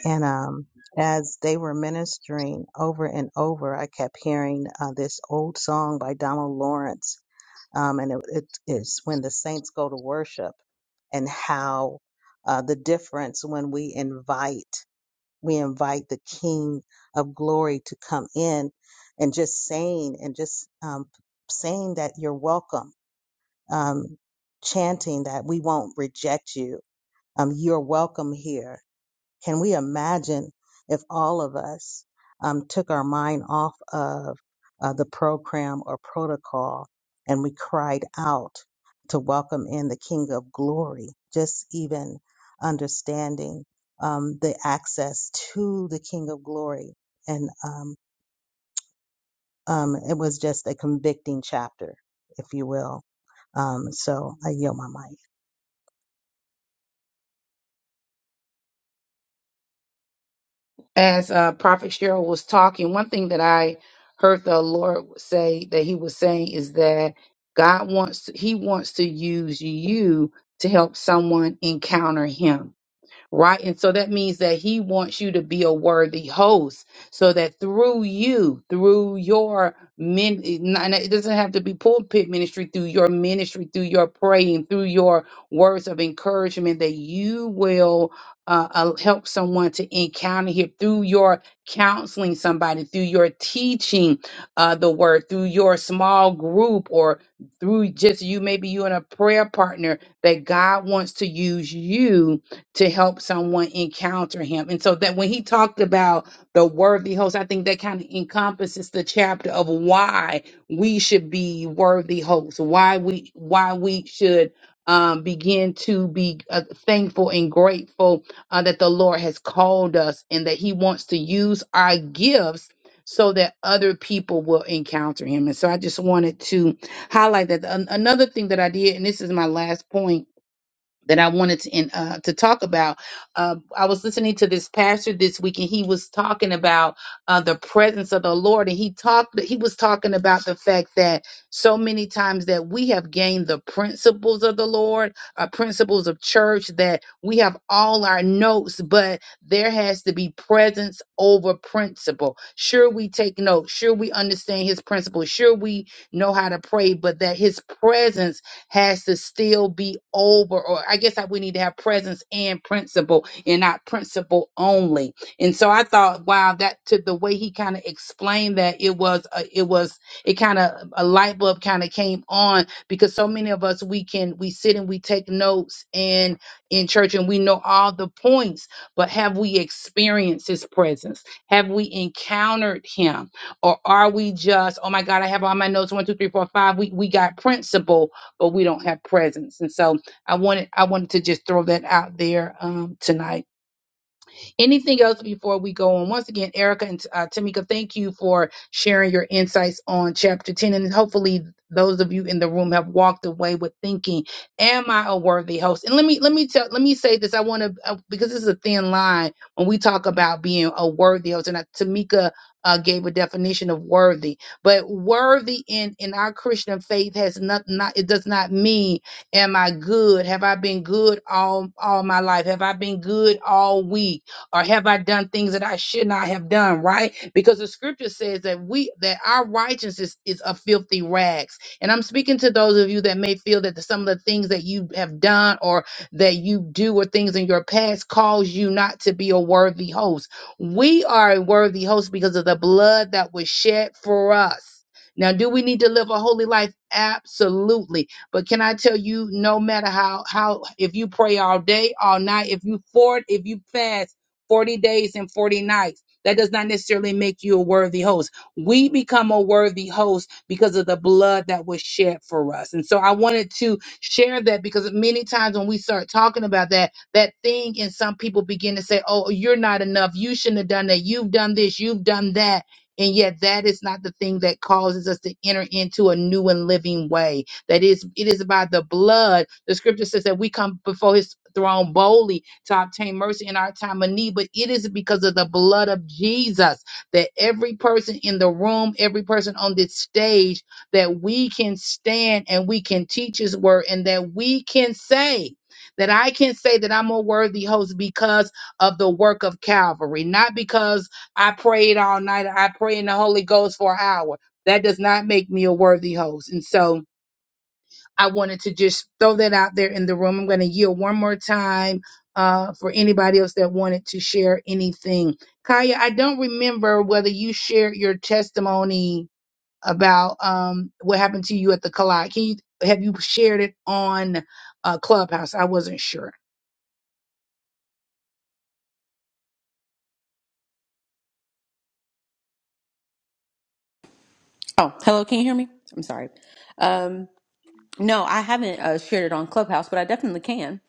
Speaker 3: And um, as they were ministering over and over, I kept hearing uh, this old song by Donald Lawrence. Um, and it, it is when the saints go to worship and how uh, the difference when we invite, we invite the King of glory to come in and just saying and just um, saying that you're welcome, um, chanting that we won't reject you. Um, you're welcome here can we imagine if all of us um, took our mind off of uh, the program or protocol and we cried out to welcome in the King of Glory, just even understanding um, the access to the King of Glory? And um, um, it was just a convicting chapter, if you will. Um, so I yield my mic.
Speaker 4: As uh, Prophet Cheryl was talking, one thing that I heard the Lord say that He was saying is that God wants, He wants to use you to help someone encounter Him right? And so that means that he wants you to be a worthy host so that through you, through your men, and it doesn't have to be pulpit ministry, through your ministry, through your praying, through your words of encouragement, that you will uh, uh, help someone to encounter him through your counseling somebody, through your teaching uh, the word, through your small group, or through just you, maybe you and a prayer partner, that God wants to use you to help someone encounter him. And so that when he talked about the worthy host, I think that kind of encompasses the chapter of why we should be worthy hosts, why we why we should um, begin to be uh, thankful and grateful uh, that the Lord has called us and that He wants to use our gifts so that other people will encounter Him. And so I just wanted to highlight that. An- another thing that I did, and this is my last point that I wanted to in, uh, to talk about. Uh, I was listening to this pastor this week, and he was talking about uh, the presence of the Lord, and he talked. He was talking about the fact that so many times that we have gained the principles of the Lord, uh, principles of church, that we have all our notes, but there has to be presence over principle. Sure, we take notes. Sure, we understand His principles. Sure, we know how to pray, but that His presence has to still be over, or I guess I, we need to have presence and principle and not principle only. And so I thought, wow, that to the way he kind of explained that it was, a, it was, it kind of a light bulb kind of came on because so many of us we can we sit and we take notes and in church and we know all the points, but have we experienced his presence? Have we encountered him? Or are we just, oh my God, I have all my notes, one, two, three, four, five. We we got principle, but we don't have presence. And so I wanted I wanted to just throw that out there um, tonight Anything else before we go on? Once again, Erica and uh, Tamika, thank you for sharing your insights on chapter 10. And hopefully those of you in the room have walked away with thinking, am I a worthy host? And let me let me tell let me say this. I want to uh, because this is a thin line when we talk about being a worthy host. And uh, Tamika uh, gave a definition of worthy, but worthy in in our Christian faith has not not it does not mean am I good? Have I been good all all my life? Have I been good all week? or have I done things that I should not have done, right? Because the scripture says that we that our righteousness is a filthy rags. And I'm speaking to those of you that may feel that some of the things that you have done or that you do or things in your past cause you not to be a worthy host. We are a worthy host because of the blood that was shed for us. Now, do we need to live a holy life? Absolutely. But can I tell you, no matter how how if you pray all day, all night, if you fort, if you fast 40 days and 40 nights. That does not necessarily make you a worthy host. We become a worthy host because of the blood that was shed for us. And so I wanted to share that because many times when we start talking about that, that thing and some people begin to say, oh, you're not enough. You shouldn't have done that. You've done this. You've done that. And yet that is not the thing that causes us to enter into a new and living way that is it is by the blood. The scripture says that we come before his throne boldly to obtain mercy in our time of need, but it is because of the blood of Jesus that every person in the room, every person on this stage, that we can stand and we can teach his word and that we can say that I can say that I'm a worthy host because of the work of Calvary, not because I prayed all night. I prayed in the Holy Ghost for an hour. That does not make me a worthy host. And so, I wanted to just throw that out there in the room. I'm going to yield one more time uh, for anybody else that wanted to share anything. Kaya, I don't remember whether you shared your testimony about um, what happened to you at the collide. Can you, have you shared it on uh, Clubhouse? I wasn't sure.
Speaker 8: Oh, hello. Can you hear me? I'm sorry. Um, no, I haven't uh, shared it on Clubhouse, but I definitely can.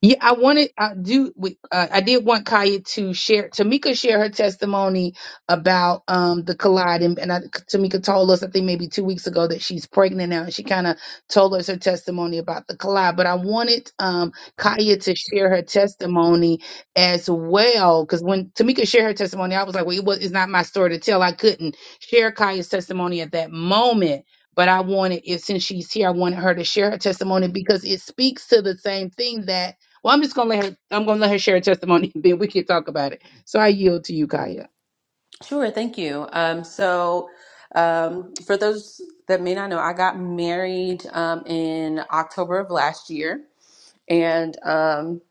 Speaker 4: Yeah, I wanted I do we- uh, I did want Kaya to share Tamika share her testimony about um the collide and, and I, Tamika told us I think maybe two weeks ago that she's pregnant now and she kind of told us her testimony about the collide. But I wanted um Kaya to share her testimony as well because when Tamika shared her testimony, I was like, well, it was it's not my story to tell. I couldn't share Kaya's testimony at that moment. But I wanted, if since she's here, I wanted her to share her testimony because it speaks to the same thing that well, I'm just gonna let her. I'm gonna let her share her testimony, and then we can talk about it. So I yield to you, Kaya.
Speaker 8: Sure. Thank you. Um, so, um, for those that may not know, I got married um, in October of last year, and um,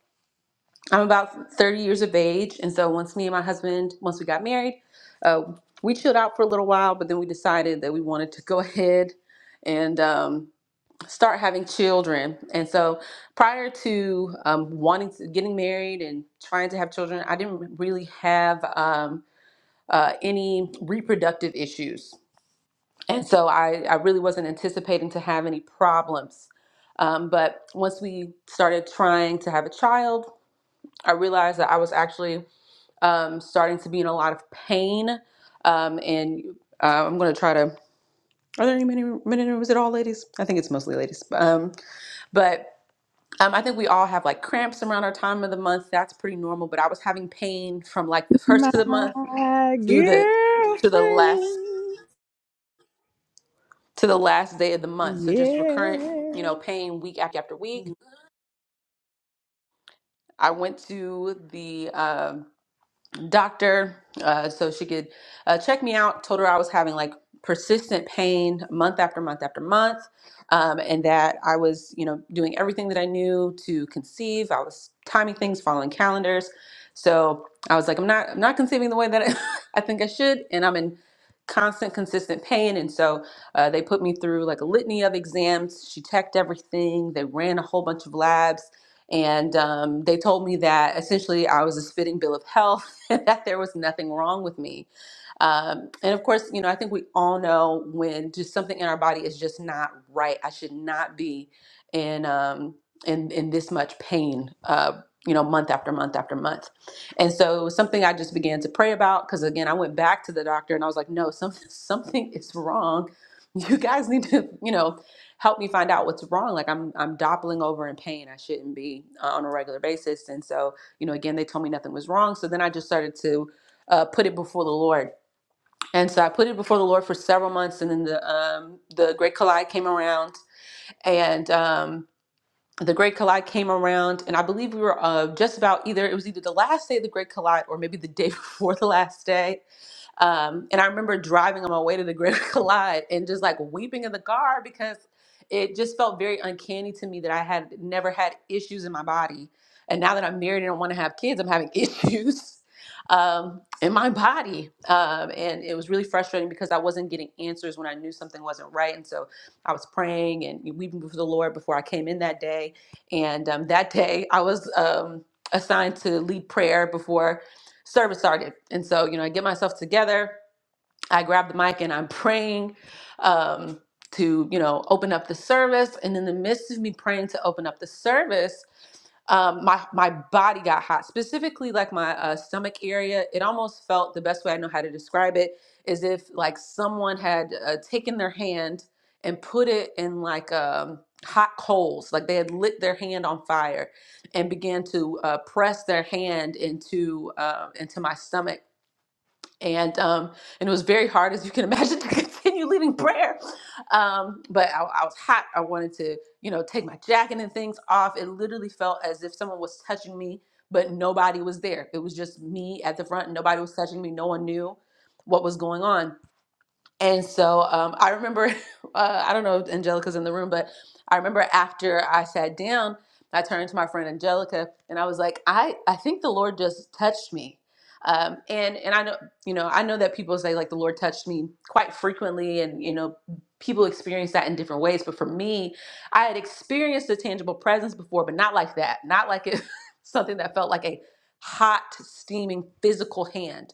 Speaker 8: I'm about 30 years of age. And so, once me and my husband, once we got married, uh, we chilled out for a little while, but then we decided that we wanted to go ahead and um, start having children. And so prior to um, wanting to getting married and trying to have children, I didn't really have um, uh, any reproductive issues. And so I, I really wasn't anticipating to have any problems. Um, but once we started trying to have a child, I realized that I was actually um, starting to be in a lot of pain. Um, and uh, I'm going to try to. Are there any men in men in the room? Is it all ladies? I think it's mostly ladies. Um, but Um, I think we all have like cramps around our time of the month. That's pretty normal. But I was having pain from like the first of the month
Speaker 9: My
Speaker 8: to the to the last
Speaker 9: girlfriend,
Speaker 8: to the last day of the month. So just recurrent, you
Speaker 9: yeah.
Speaker 8: know, pain week after after week. I went to the um doctor uh, so she could uh, check me out told her i was having like persistent pain month after month after month um, and that i was you know doing everything that i knew to conceive i was timing things following calendars so i was like i'm not i'm not conceiving the way that i, I think i should and i'm in constant consistent pain and so uh, they put me through like a litany of exams she checked everything they ran a whole bunch of labs and um, they told me that essentially I was a spitting bill of health that there was nothing wrong with me. Um, and of course, you know, I think we all know when just something in our body is just not right. I should not be in um, in in this much pain. Uh, you know, month after month after month. And so it was something I just began to pray about because again, I went back to the doctor and I was like, no, something something is wrong. You guys need to, you know, help me find out what's wrong. Like I'm I'm doppling over in pain. I shouldn't be uh, on a regular basis. And so you know, again, they told me nothing was wrong. So then I just started to uh, put it before the Lord. And so I put it before the Lord for several months. And then the, um, the Great Collide came around. And um, the Great Collide came around. And I believe we were uh, just about either, it was either the last day of the Great Collide or maybe the day before the last day um, and I remember driving on my way to the Great Collide and just like weeping in the car because it just felt very uncanny to me that I had never had issues in my body. And now that I'm married and don't want to have kids, I'm having issues um, in my body. Um, and it was really frustrating because I wasn't getting answers when I knew something wasn't right. And so I was praying and weeping before the Lord before I came in that day. And um, that day I was um, assigned to lead prayer before service started. And so, you know, I get myself together, I grab the mic and I'm praying um, to, you know, open up the service. And in the midst of me praying to open up the service, um, my my body got hot, specifically like my uh, stomach area. It almost felt the best way I know how to describe it is if like someone had uh, taken their hand and put it in like um, hot coals, like they had lit their hand on fire and began to uh, press their hand into uh, into my stomach and um, and it was very hard, as you can imagine, to continue leading prayer. Um, but I, I was hot. I wanted to, you know, take my jacket and things off. It literally felt as if someone was touching me, but nobody was there. It was just me at the front. Nobody was touching me. No one knew what was going on and so um, I remember, uh, I don't know if Angelica's in the room, but I remember after I sat down, I turned to my friend Angelica and I was like, I, I think the Lord just touched me. Um, and and I know you know I know that people say like the Lord touched me quite frequently, and you know people experience that in different ways. But for me, I had experienced a tangible presence before, but not like that, not like it something that felt like a hot, steaming physical hand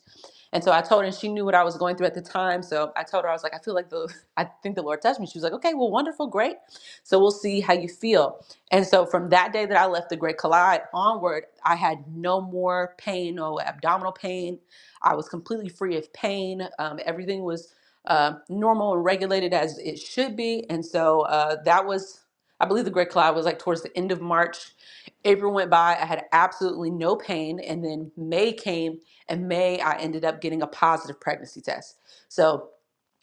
Speaker 8: and so I told her, and she knew what I was going through at the time. So I told her, I was like, I feel like the, I think the Lord touched me. She was like, okay, well, wonderful, great. So we'll see how you feel. And so from that day that I left the Great Collide onward, I had no more pain, no abdominal pain. I was completely free of pain. Um, everything was uh, normal and regulated as it should be. And so uh, that was, I believe the Great Collide was like towards the end of March. April went by, I had absolutely no pain. And then May came and May, I ended up getting a positive pregnancy test. So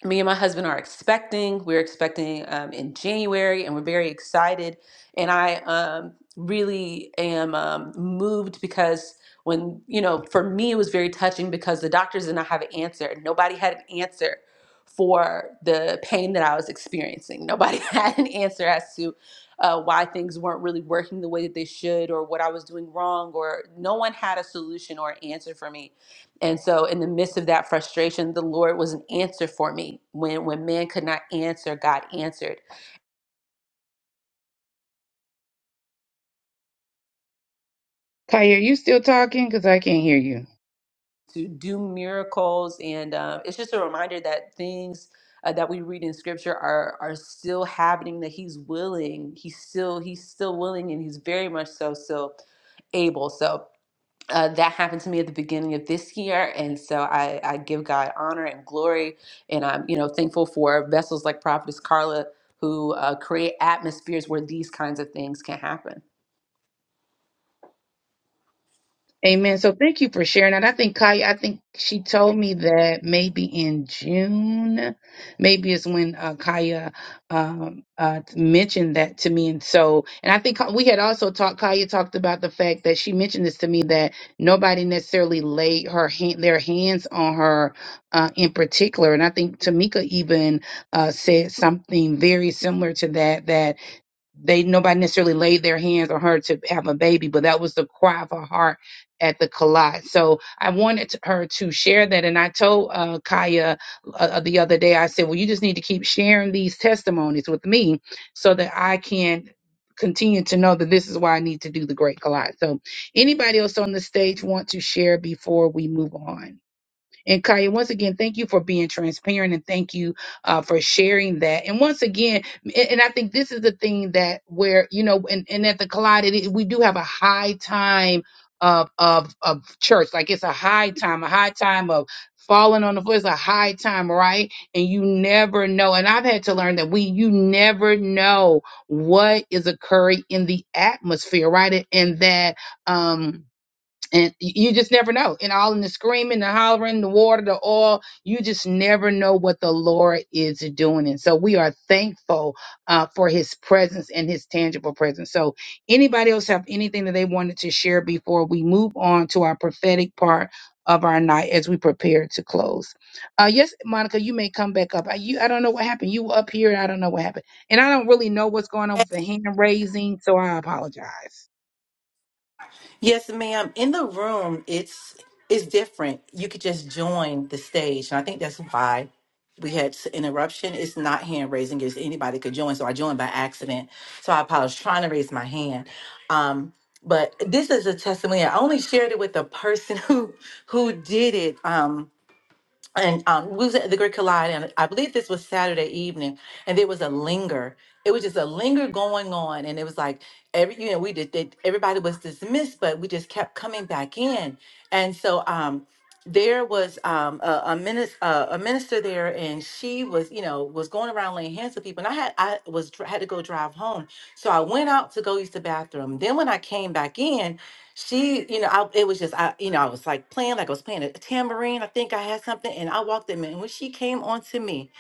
Speaker 8: me and my husband are expecting. We're expecting um, in January, and we're very excited. And I um, really am um, moved because when you know, for me, it was very touching because the doctors did not have an answer. Nobody had an answer for the pain that I was experiencing. Nobody had an answer as to uh, why things weren't really working the way that they should or what I was doing wrong, or no one had a solution or an answer for me and so in the midst of that frustration, the Lord was an answer for me. When when man could not answer, God answered
Speaker 4: Kaya, are you still talking? Because I can't hear you.
Speaker 8: to do miracles. And uh, it's just a reminder that things uh, that we read in Scripture are are still happening. That He's willing. He's still He's still willing, and He's very much so still able. So uh, that happened to me at the beginning of this year and so I, I give god honor and glory and i'm you know thankful for vessels like prophetess carla who uh, create atmospheres where these kinds of things can happen
Speaker 4: Amen. So thank you for sharing that. I think Kaya, I think she told me that maybe in June, maybe is when uh, Kaya um, uh, mentioned that to me. And so, and I think we had also talked, Kaya talked about the fact that she mentioned this to me that nobody necessarily laid her hand, their hands on her uh, in particular. And I think Tamika even uh, said something very similar to that, that they nobody necessarily laid their hands on her to have a baby, but that was the cry of her heart at the collide. So I wanted to- her to share that, and I told uh, Kaya uh, uh, the other day. I said, "Well, you just need to keep sharing these testimonies with me, so that I can." continue to know that this is why I need to do the great collide. So anybody else on the stage want to share before we move on? And Kaya, once again, thank you for being transparent and thank you uh, for sharing that. And once again, and, and I think this is the thing that where, you know, and, and at the collide, it, is- we do have a high time of, of, of church. Like it's a high time, a high time of falling on the floor. It's a high time, right? And you never know. And I've had to learn that we, you never know what is occurring in the atmosphere, right? And and that, um, and you just never know. And all in the screaming, the hollering, the water, the oil, you just never know what the Lord is doing. And so we are thankful uh, for his presence and his tangible presence. So, anybody else have anything that they wanted to share before we move on to our prophetic part of our night as we prepare to close? Uh, yes, Monica, you may come back up. I, you, I don't know what happened. You were up here, and I don't know what happened. And I don't really know what's going on with the hand raising, so I apologize.
Speaker 10: Yes, ma'am. In the room, it's it's different. You could just join the stage, and I think that's why we had s- interruption. It's not hand raising; it's anybody could join. So I joined by accident. So I apologize. Trying to raise my hand, um, but this is a testimony. I only shared it with the person who who did it. Um, and um, we was at the Great Collide, and I believe this was Saturday evening, and there was a linger. It was just a linger going on, and it was like every you know we did, did everybody was dismissed, but we just kept coming back in, and so um, there was um, a, a minister uh, a minister there, and she was you know was going around laying hands on people, and I had I was dr- had to go drive home, so I went out to go use the bathroom. Then when I came back in, she, you know, I, it was just, I, you know, I was like playing, like I was playing a tambourine. I think I had something, and I walked in. And when she came onto me,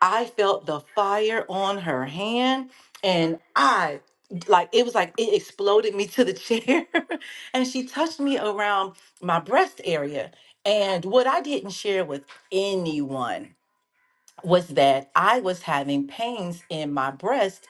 Speaker 10: I felt the fire on her hand, and I, like, it was like it exploded me to the chair. and she touched me around my breast area. And what I didn't share with anyone was that I was having pains in my breast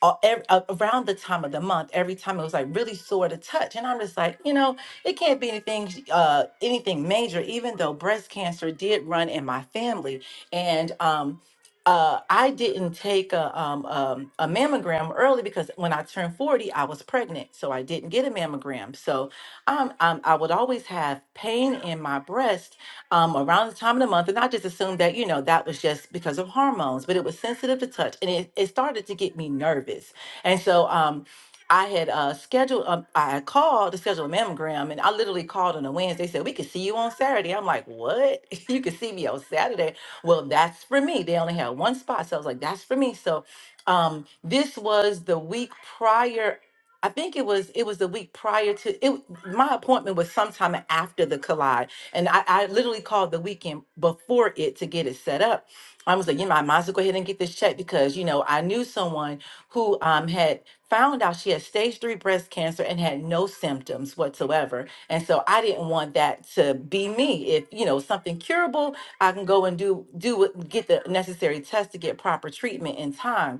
Speaker 10: all, ev- a- around the time of the month, every time it was like really sore to touch, and I'm just like, you know, it can't be anything, sh- uh, anything major. Even though breast cancer did run in my family, and um, uh, I didn't take a, um, um, a mammogram early because when I turned 40, I was pregnant, so I didn't get a mammogram. So um, um, I would always have pain in my breast um, around the time of the month. And I just assumed that, you know, that was just because of hormones, but it was sensitive to touch and it, it started to get me nervous. And so um, I had uh, scheduled, um, I had called to schedule a mammogram and I literally called on a Wednesday, They said, we could see you on Saturday. I'm like, what? you could see me on Saturday. Well, that's for me. They only had one spot. So I was like, that's for me. So um, this was the week prior. I think it was it was the week prior to it. My appointment was sometime after the collide. And I, I literally called the weekend before it to get it set up. I was like, you know, I might as well go ahead and get this checked because, you know, I knew someone who um, had found out she had stage three breast cancer and had no symptoms whatsoever. And so I didn't want that to be me. If, you know, something curable, I can go and do, do, what- get the necessary test to get proper treatment in time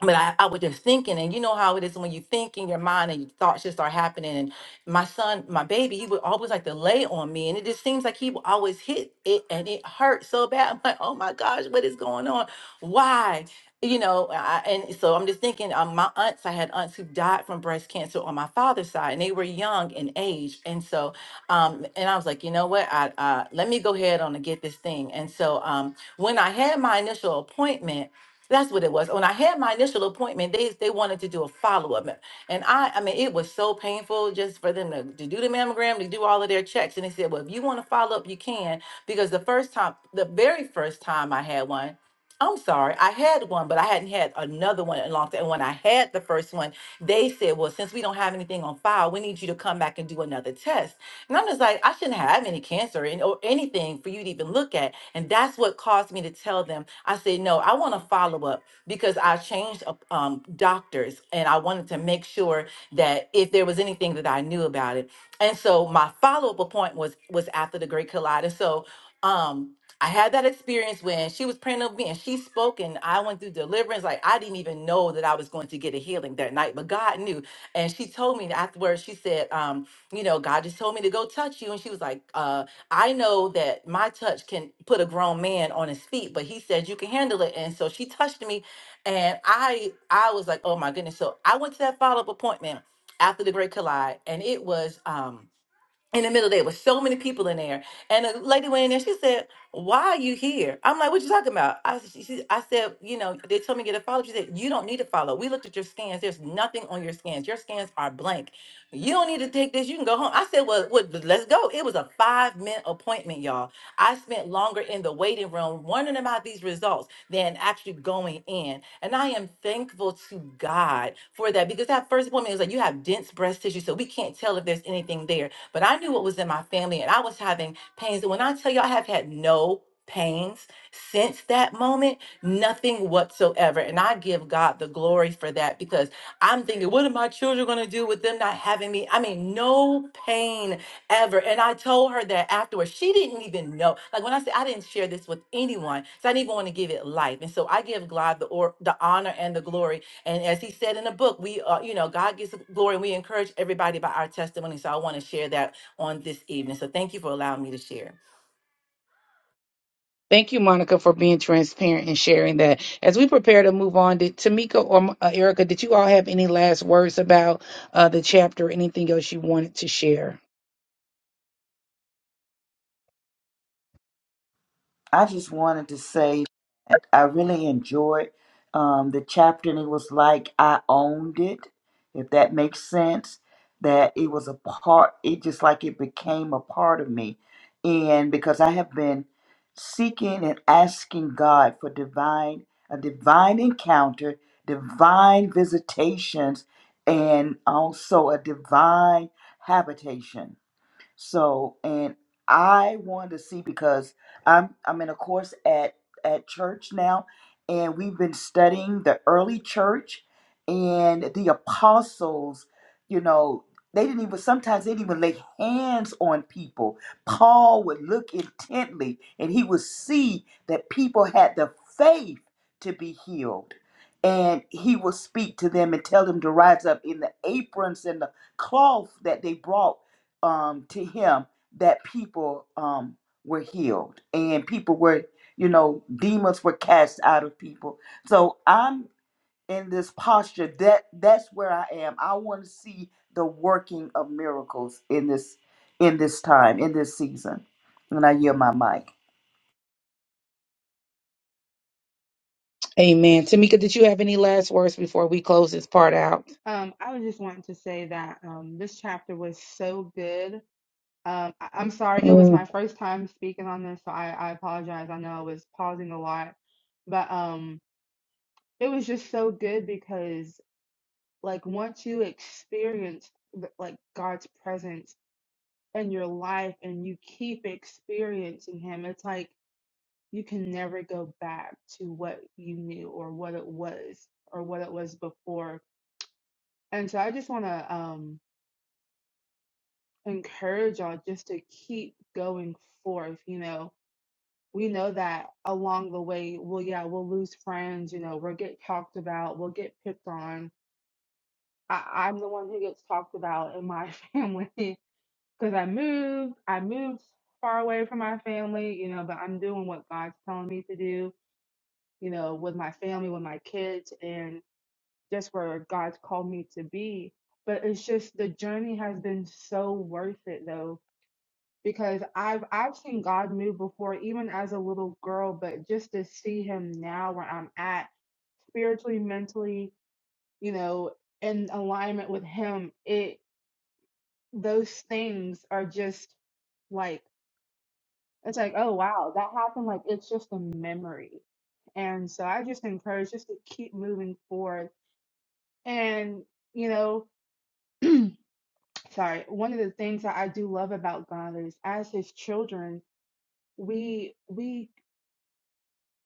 Speaker 10: but I, I was just thinking, and you know how it is when you think in your mind and your thoughts just start happening. And my son, my baby, he would always like to lay on me, and it just seems like he would always hit it, and it hurt so bad. I'm like, oh my gosh, what is going on? Why? You know, I, and so I'm just thinking. Um, my aunts, I had aunts who died from breast cancer on my father's side, and they were young in age, and so, um, and I was like, you know what? I uh, let me go ahead on and get this thing. And so, um, when I had my initial appointment. That's what it was. When I had my initial appointment, they they wanted to do a follow up, and I I mean it was so painful just for them to, to do the mammogram, to do all of their checks, and they said, well, if you want to follow up, you can because the first time, the very first time I had one. I'm sorry, I had one, but I hadn't had another one in a long time. And when I had the first one, they said, Well, since we don't have anything on file, we need you to come back and do another test. And I'm just like, I shouldn't have any cancer and, or anything for you to even look at. And that's what caused me to tell them. I said, no, I want a follow up because I changed uh, um, doctors and I wanted to make sure that if there was anything that I knew about it. And so my follow up appointment was was after the Great Collide. And so um, I had that experience when she was praying over me and she spoke and I went through deliverance. Like I didn't even know that I was going to get a healing that night, but God knew. And she told me afterwards, she said, um, you know, God just told me to go touch you. And she was like, uh, I know that my touch can put a grown man on his feet, but he said you can handle it. And so she touched me and I I was like, oh my goodness. So I went to that follow-up appointment after the Great Collide and it was um in the middle there was so many people in there and a lady went in there she said why are you here i'm like what you talking about i, she, she- I said you know they told me to get a follow she said you don't need to follow we looked at your scans there's nothing on your scans your scans are blank you don't need to take this you can go home i said well, well let's go it was a five minute appointment y'all i spent longer in the waiting room wondering about these results than actually going in and i am thankful to god for that because that first appointment was like you have dense breast tissue so we can't tell if there's anything there but I knew what was in my family and I was having pains. And when I tell you I have had no pains since that moment, nothing whatsoever. And I give God the glory for that because I'm thinking, what are my children going to do with them not having me? I mean, no pain ever. And I told her that afterwards. She didn't even know. Like when I said I didn't share this with anyone, so I didn't even want to give it life. And so I give God the or the honor and the glory and as he said in the book, we are, you know, God gets the glory and we encourage everybody by our testimony. So I want to share that on this evening. So thank you for allowing me to share.
Speaker 4: Thank you, Monica, for being transparent and sharing that. As we prepare to move on, did Tamika or uh, Erica, did you all have any last words about uh, the chapter or anything else you wanted to share?
Speaker 5: I just wanted to say that I really enjoyed um, the chapter, and it was like I owned it, if that makes sense. That it was a part, it just like it became a part of me. And because I have been seeking and asking God for divine, a divine encounter, divine visitations, and also a divine habitation so, and I wanted to see because I'm I'm in a course at at church now, and we've been studying the early church and the apostles. You know, they didn't even sometimes they didn't even lay hands on people. Paul would look intently, and he would see that people had the faith to be healed. And he would speak to them and tell them to rise up in the aprons and the cloth that they brought um, to him that people um, were healed and people were, you know, demons were cast out of people. So I'm in this posture that that's where I am. I want to see the working of miracles in this in this time in this season. And I yield my mic.
Speaker 4: Amen. Tamika, did you have any last words before we close this part out?
Speaker 2: Um, I was just wanting to say that um, this chapter was so good Um, I- I'm sorry, it was my
Speaker 4: Mm.
Speaker 2: first time speaking on this, so I, I apologize. I know I was pausing a lot, but um, it was just so good because like once you experience th- like God's presence in your life and you keep experiencing Him, it's like you can never go back to what you knew or what it was or what it was before. And so I just want to um encourage y'all just to keep going forth, you know we know that along the way, well, yeah, we'll lose friends, you know, we'll get talked about, we'll get picked on. I, I'm the one who gets talked about in my family because I moved, I moved far away from my family, you know, but I'm doing what God's telling me to do, you know, with my family, with my kids, and just where God's called me to be. But it's just the journey has been so worth it though because I've I've seen God move before, even as a little girl, but just to see Him now where I'm at spiritually, mentally, you know, in alignment with Him, it those things are just like it's like oh wow that happened like it's just a memory and so I just encourage just to keep moving forward. And, you know, sorry, one of the things that I do love about God is as his children, we we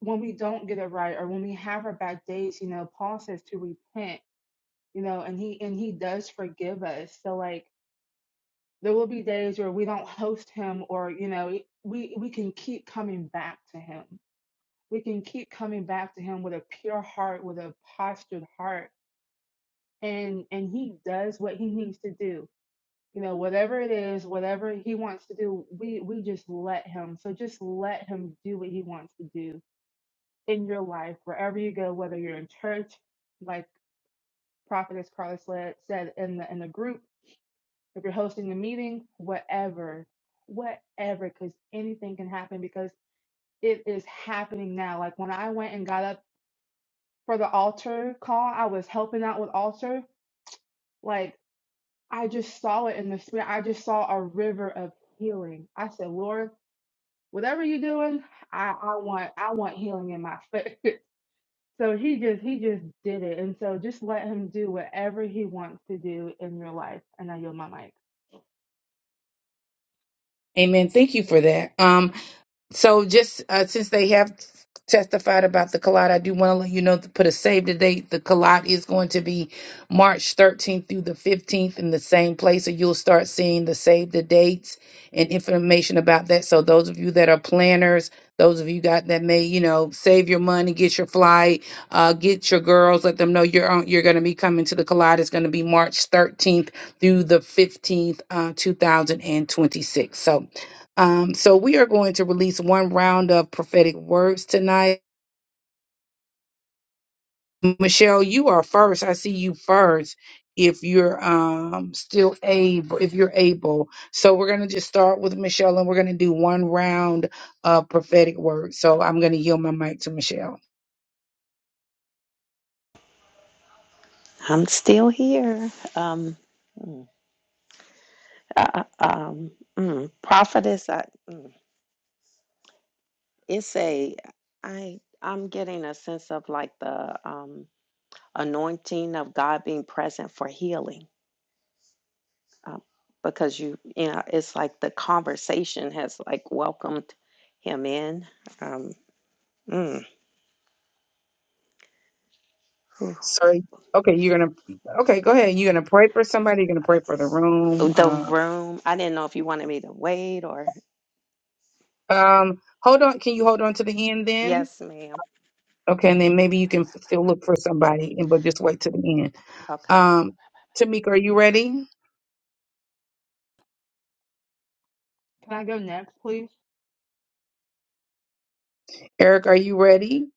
Speaker 2: when we don't get it right or when we have our bad days, you know, Paul says to repent, you know, and he and he does forgive us. So like there will be days where we don't host him or, you know, we we can keep coming back to him. We can keep coming back to him with a pure heart, with a postured heart. And and he does what he needs to do. You know, whatever it is, whatever he wants to do, we we just let him. So just let him do what he wants to do in your life, wherever you go, whether you're in church, like Prophetess Carla said, said in the in the group, if you're hosting a meeting, whatever, whatever, because anything can happen because it is happening now. Like when I went and got up for the altar call, I was helping out with altar. Like I just saw it in the spirit. I just saw a river of healing. I said, Lord, whatever you're doing, I, I want I want healing in my foot. So he just he just did it, and so just let him do whatever he wants to do in your life. And I yield my mic.
Speaker 4: Amen. Thank you for that. Um, So just uh, since they have testified about the collide, I do want to let you know to put a save the date. The collide is going to be March 13th through the 15th in the same place. So you'll start seeing the save the dates and information about that. So those of you that are planners, those of you got that may, you know, save your money, get your flight, uh, get your girls, let them know you're on, you're going to be coming to the collide. It's going to be March 13th through the 15th, uh, 2026. So um, so we are going to release one round of prophetic words tonight. Michelle, you are first. I see you first. If you're um, still able, if you're able, so we're gonna just start with Michelle, and we're gonna do one round of prophetic words. So I'm gonna yield my mic to Michelle.
Speaker 1: I'm still here. Um, uh, uh, um, mm, prophetess, I, mm, it's a, I, I'm getting a sense of like the um, anointing of God being present for healing, um, because you, you know, it's like the conversation has like welcomed him in. Um, mm. Ooh.
Speaker 4: Sorry. Okay, you're gonna. Okay, go ahead. You're gonna pray for somebody. You're gonna pray for the room.
Speaker 1: The room. I didn't know if you wanted me to wait or
Speaker 4: Uh, um, hold on. Can you hold on to the end then?
Speaker 1: yes, ma'am.
Speaker 4: Okay, and then maybe you can f- still look for somebody, and but just wait to the end.
Speaker 1: Okay.
Speaker 4: Um, Tamika, are you ready?
Speaker 2: Can I go next, please?
Speaker 4: Eric, are you ready?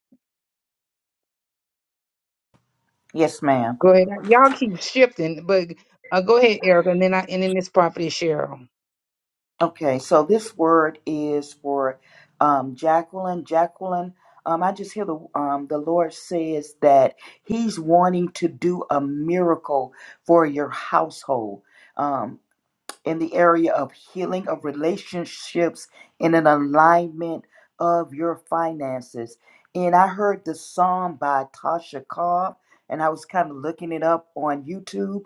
Speaker 5: Yes, ma'am.
Speaker 4: Go ahead. Y'all keep shifting, but uh, go ahead, Eric, and then I and then this prophet Cheryl,
Speaker 5: Okay, so this word is for um, Jacqueline. Jacqueline, um, I just hear the um, the Lord says that He's wanting to do a miracle for your household. Um, in the area of healing of relationships and an alignment of your finances. And I heard the song by Tasha Cobb, and I was kind of looking it up on YouTube.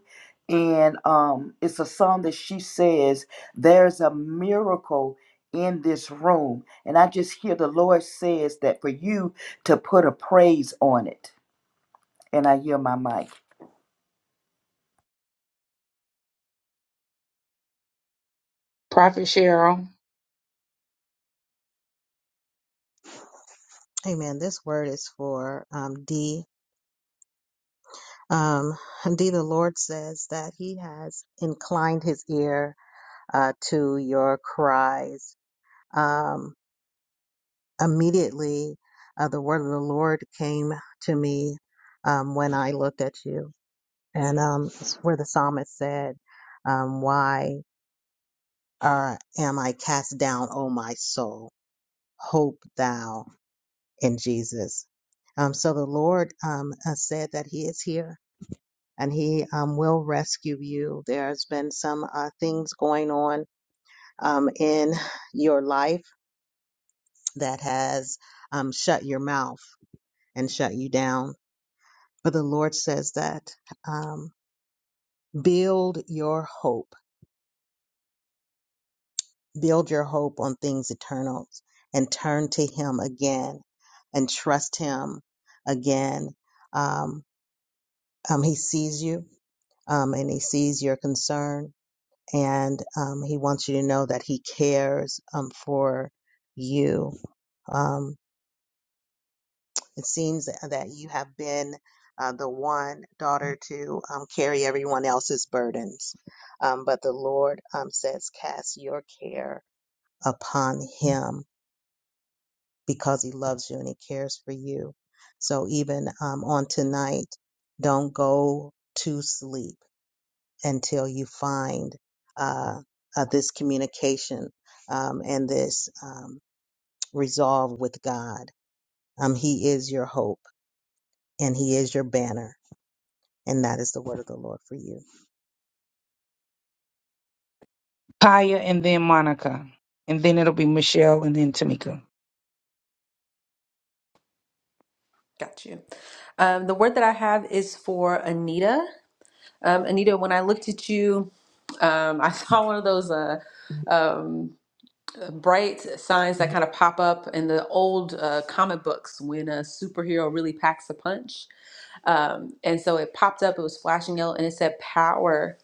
Speaker 5: And um, it's a song that she says, There's a miracle in this room. And I just hear the Lord says that for you to put a praise on it. And I hear my mic.
Speaker 4: prophet Cheryl,
Speaker 3: Amen. This word is for um, D. Um, indeed, the Lord says that He has inclined His ear uh, to your cries. Um, immediately, uh, the word of the Lord came to me um, when I looked at you, and um, it's where the psalmist said, um, "Why uh, am I cast down, O my soul? Hope thou in Jesus." Um, so the Lord um, uh, said that He is here and he um, will rescue you. There's been some uh, things going on um, in your life that has um, shut your mouth and shut you down. But the Lord says that um, build your hope, build your hope on things eternal and turn to Him again and trust Him again. Um, um, he sees you um, and He sees your concern and um, he wants you to know that he cares um, for you. Um, it seems that you have been uh, the one daughter to um, carry everyone else's burdens, um, but the Lord um, says, "Cast your care upon Him because He loves you and He cares for you." So even um, on tonight, don't go to sleep until you find uh, uh, this communication um, and this um, resolve with God. Um, he is your hope and He is your banner. And that is the word of the Lord for you.
Speaker 4: Kaya, and then Monica, and then it'll be Michelle, and then Tamika.
Speaker 8: got you um, the word that i have is for anita um, anita when i looked at you um, i saw one of those uh, um, uh, bright signs that kind of pop up in the old uh, comic books when a superhero really packs a punch. Um, and so it popped up, it was flashing yellow, and it said power.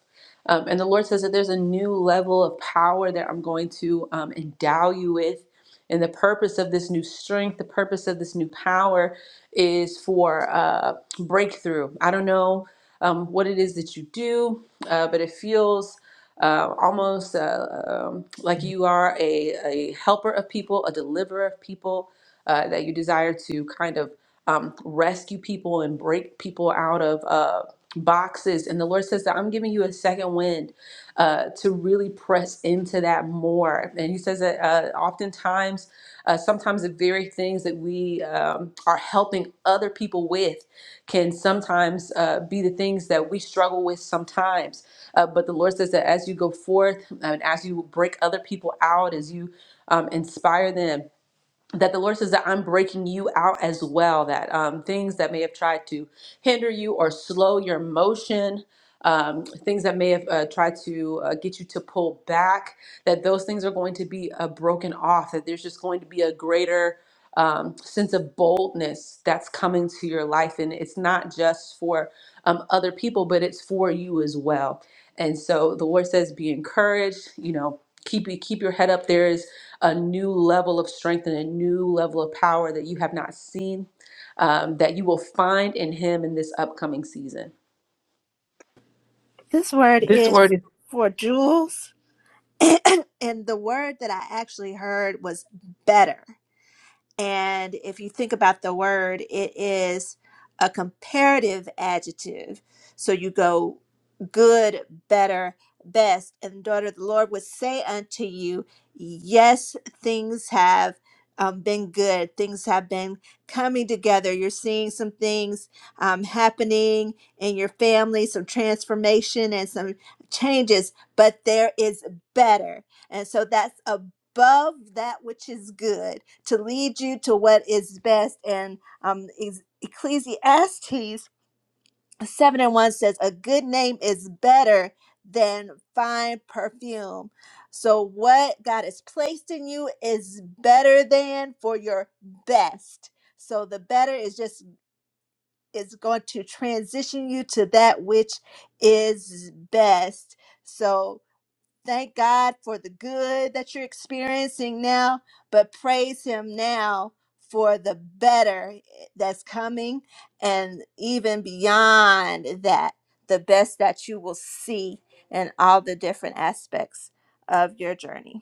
Speaker 8: Um, and the Lord says that there's a new level of power that I'm going to um, endow you with. And the purpose of this new strength, the purpose of this new power is for uh, breakthrough. I don't know um, what it is that you do, uh, but it feels uh, almost uh, um, like you are a, a helper of people, a deliverer of people, uh, that you desire to kind of um, rescue people and break people out of uh, boxes. And the Lord says that I'm giving you a second wind uh, to really press into that more. And He says that uh, oftentimes, uh, sometimes the very things that we um, are helping other people with can sometimes uh, be the things that we struggle with sometimes uh, but the Lord says that as you go forth um, and as you break other people out, as you um, inspire them, that the Lord says that I'm breaking you out as well, that um, things that may have tried to hinder you or slow your motion, um, things that may have uh, tried to uh, get you to pull back, that those things are going to be uh, broken off, that there's just going to be a greater um, sense of boldness that's coming to your life. And it's not just for um, other people, but it's for you as well. And so the Lord says, be encouraged, you know, keep, keep your head up. There is a new level of strength and a new level of power that you have not seen um, that you will find in Him in this upcoming season.
Speaker 11: This word
Speaker 4: This
Speaker 11: is
Speaker 4: word
Speaker 11: for jewels, and the word that I actually heard was better. And if you think about the word, it is a comparative adjective. So you go good, better, best. And daughter, the Lord would say unto you, Yes, things have um, been good. Things have been coming together. You're seeing some things um, happening in your family, some transformation and some changes, but there is better. And so that's a." above that which is good to lead you to what is best. And um, is- Ecclesiastes 7 and 1 says, A good name is better than fine perfume. So, what God has placed in you is better than for your best. So, the better is just is going to transition you to that which is best. So, Thank God for the good that you're experiencing now, but praise Him now for the better eh, that's coming and even beyond that, the best that you will see in all the different aspects of your journey.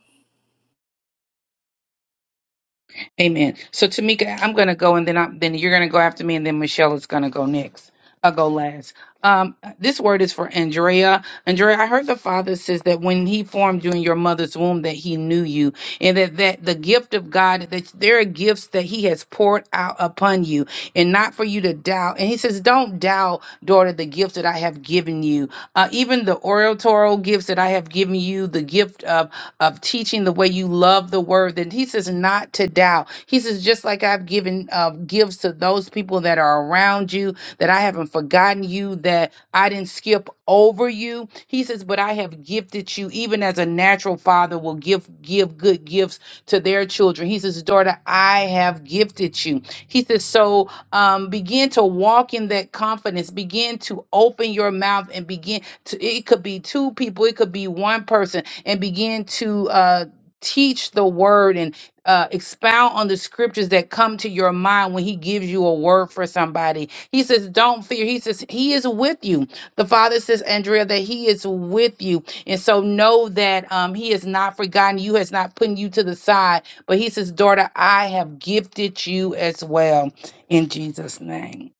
Speaker 4: Amen. So Tamika, I'm gonna go and then I'm then you're gonna go after me and then Michelle is gonna go next. I'll go last. Um, this word is for Andrea. Andrea, I heard the Father says that when He formed you in your mother's womb, that He knew you, and that that the gift of God, that there are gifts that He has poured out upon you, and not for you to doubt. And He says, "Don't doubt, daughter, the gift that I have given you. Uh, even the oratorial gifts that I have given you, the gift of." of teaching the way you love the word. Then he says, not to doubt. He says, just like I've given uh, gifts to those people that are around you, that I haven't forgotten you, that I didn't skip over you. He says, but I have gifted you, even as a natural father will give give good gifts to their children. He says, daughter, I have gifted you. He says, so um, begin to walk in that confidence. Begin to open your mouth and begin to. It could be two people. It could be one person and begin to uh, teach the word and uh, expound on the scriptures that come to your mind when he gives you a word for somebody. He says, Don't fear. He says, He is with you. The Father says, Andrea, that He is with you. And so know that um, He has not forgotten you, has not put you to the side. But He says, Daughter, I have gifted you as well in Jesus' name.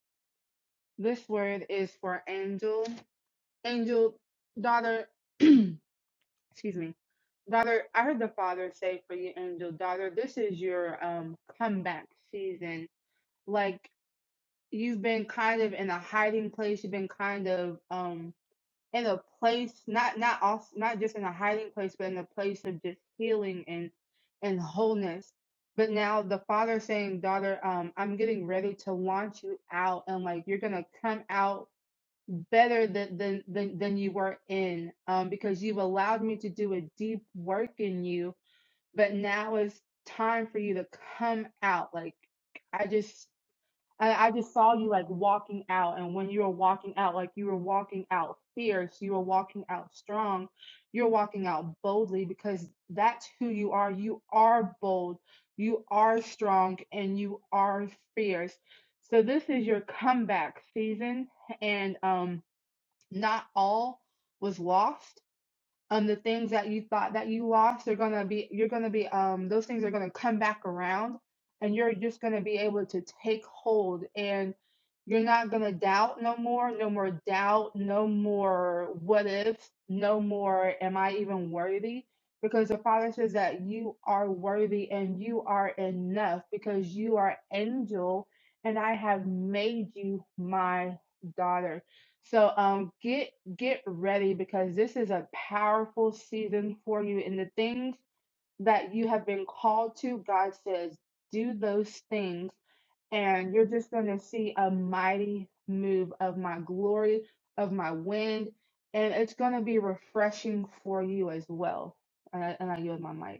Speaker 2: This word is for Angel. Angel, daughter. excuse me, daughter. I heard the father say for you, Angel, daughter. This is your um comeback season. Like you've been kind of in a hiding place. You've been kind of um in a place not not also not just in a hiding place but in a place of just healing and and wholeness but now the father saying daughter um i'm getting ready to launch you out and like you're gonna come out better than than than, than you were in um because you've allowed me to do a deep work in you but now it's time for you to come out like I just. And I just saw you like walking out. And when you were walking out, like you were walking out fierce, you were walking out strong, you're walking out boldly because that's who you are. You are bold, you are strong, and you are fierce. So this is your comeback season. And um, not all was lost um the things that you thought that you lost are gonna be you're gonna be um those things are gonna come back around and you're just gonna be able to take hold and you're not gonna doubt no more, no more doubt, no more what if, no more am I even worthy? Because the Father says that you are worthy and you are enough because you are angel and I have made you my daughter. So um get get ready because this is a powerful season for you and the things that you have been called to, God says, do those things and you're just going to see a mighty move of my glory, of my wind, and it's going to be refreshing for you as well. And I, and I yield my mic.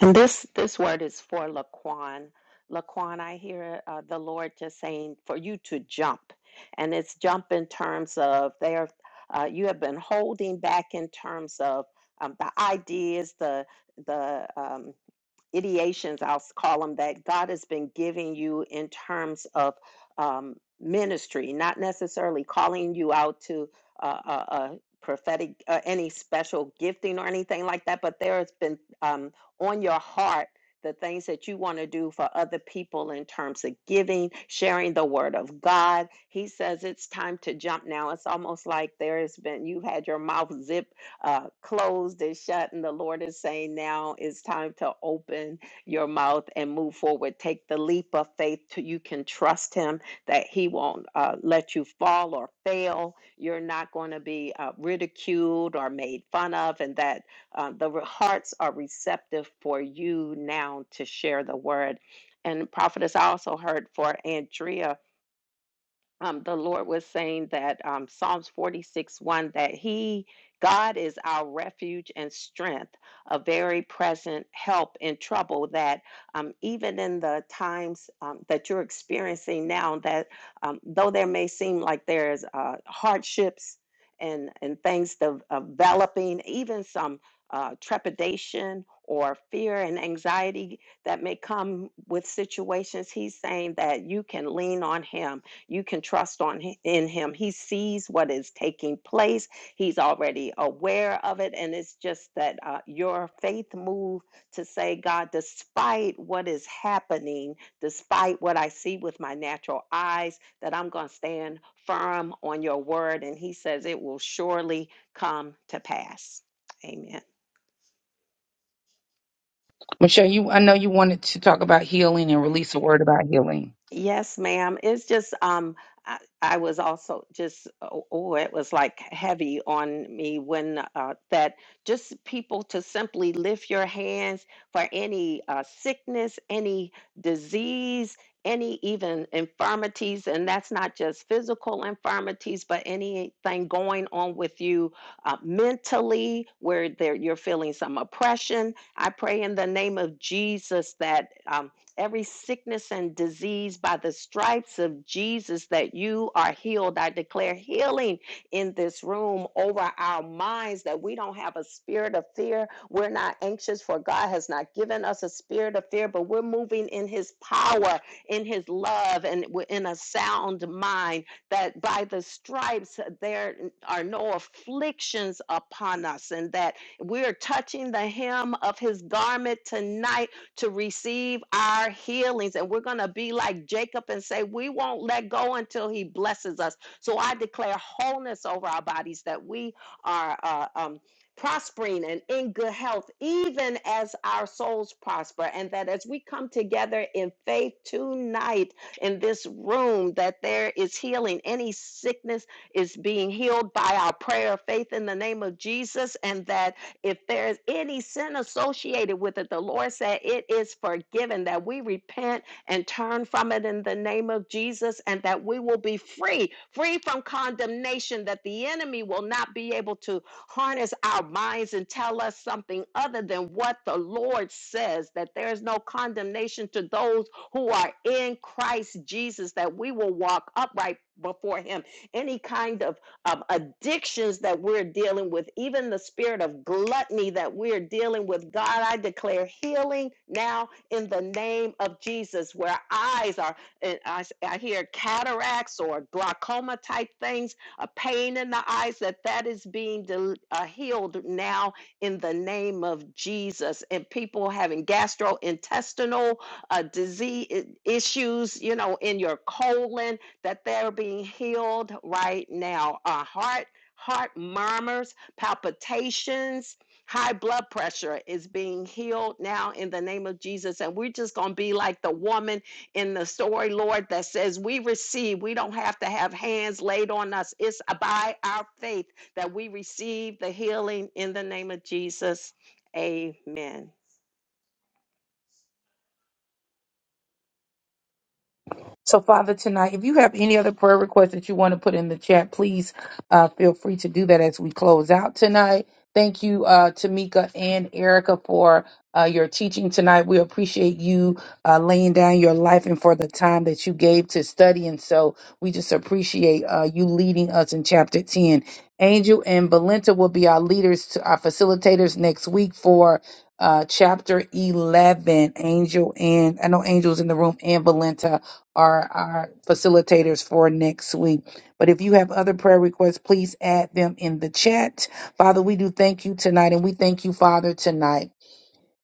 Speaker 1: And this this word is for Laquan. Laquan, I hear uh, the Lord just saying for you to jump, and it's jump in terms of there. Uh, you have been holding back in terms of um, the ideas, the the um, ideations, I'll call them that God has been giving you in terms of um, ministry, not necessarily calling you out to uh, uh, uh, prophetic, uh, any special gifting or anything like that, but there has been um, on your heart the things that you want to do for other people in terms of giving, sharing the word of God. He says it's time to jump now. It's almost like there has been, you've had your mouth zipped uh, closed and shut. And the Lord is saying, now it's time to open your mouth and move forward. Take the leap of faith to you can trust Him that He won't uh, let you fall or fail. You're not going to be uh, ridiculed or made fun of, and that uh, the re- hearts are receptive for you now to share the word. And prophetess, I also heard for Andrea um, the Lord was saying that um, Psalms 46 1 that He, God, is our refuge and strength, a very present help in trouble. That um, even in the times um, that you're experiencing now, that um, though there may seem like there's uh, hardships and, and things de- developing, even some uh, trepidation or fear and anxiety that may come with situations, He's saying that you can lean on Him you can trust on in him. He sees what is taking place. He's already aware of it, and it's just that uh, your faith move to say, God, despite what is happening, despite what I see with my natural eyes, that I'm going to stand firm on your word. And He says it will surely come to pass. Amen.
Speaker 4: Michelle, you I know you wanted to talk about healing and release a word about healing.
Speaker 1: Yes, ma'am. It's just um I, I was also just oh, oh it was like heavy on me when uh that just people to simply lift your hands for any uh sickness, any disease, any even infirmities and that's not just physical infirmities but anything going on with you uh, mentally where there you're feeling some oppression. I pray in the name of Jesus that um every sickness and disease by the stripes of Jesus that you are healed. I declare healing in this room over our minds that we don't have a spirit of fear. We're not anxious, for God has not given us a spirit of fear, but we're moving in His power, in His love, and w- in a sound mind. That by the stripes uh, there are no afflictions upon us, and that we're touching the hem of His garment tonight to receive our healings. And we're going to be like Jacob and say, We won't let go until he blesses us. So I declare wholeness over our bodies that we are uh, um, prospering and in good health, even as our souls prosper. And that as we come together in faith tonight in this room, that there is healing. Any sickness is being healed by our prayer of faith in the name of Jesus. And that if there's any sin associated with it, the Lord said it is forgiven, that we repent and turn from it in the name of Jesus, and that we will be free, free from condemnation, that the enemy will not be able to harness our minds and tell us something other than what the Lord says, that there is no condemnation to those who are in Christ Jesus, that we will walk upright before him. Any kind of um, addictions that we're dealing with, even the spirit of gluttony that we're dealing with. God, I declare healing now in the name of Jesus, where eyes are, and I, s- I hear cataracts or glaucoma type things, a pain in the eyes, that that is being del- uh, healed now in the name of Jesus. And people having gastrointestinal uh, disease issues, you know, in your colon, that they're being healed right now. Our heart, heart murmurs, palpitations, high blood pressure is being healed now in the name of Jesus. And we're just going to be like the woman in the story, Lord, that says, We receive, we don't have to have hands laid on us. It's by our faith that we receive the healing in the name of Jesus. Amen.
Speaker 4: So, Father, tonight, if you have any other prayer requests that you want to put in the chat, please uh, feel free to do that as we close out tonight. Thank you, uh, Tamika and Erica, for uh, your teaching tonight. We appreciate you uh, laying down your life and for the time that you gave to study. And so we just appreciate uh, you leading us in chapter 10. Angel and Valenta will be our leaders, to our facilitators next week for uh, chapter 11. Angel and I know Angel's in the room and Valenta are our facilitators for next week. But if you have other prayer requests, please add them in the chat. Father, we do thank you tonight and we thank you, Father, tonight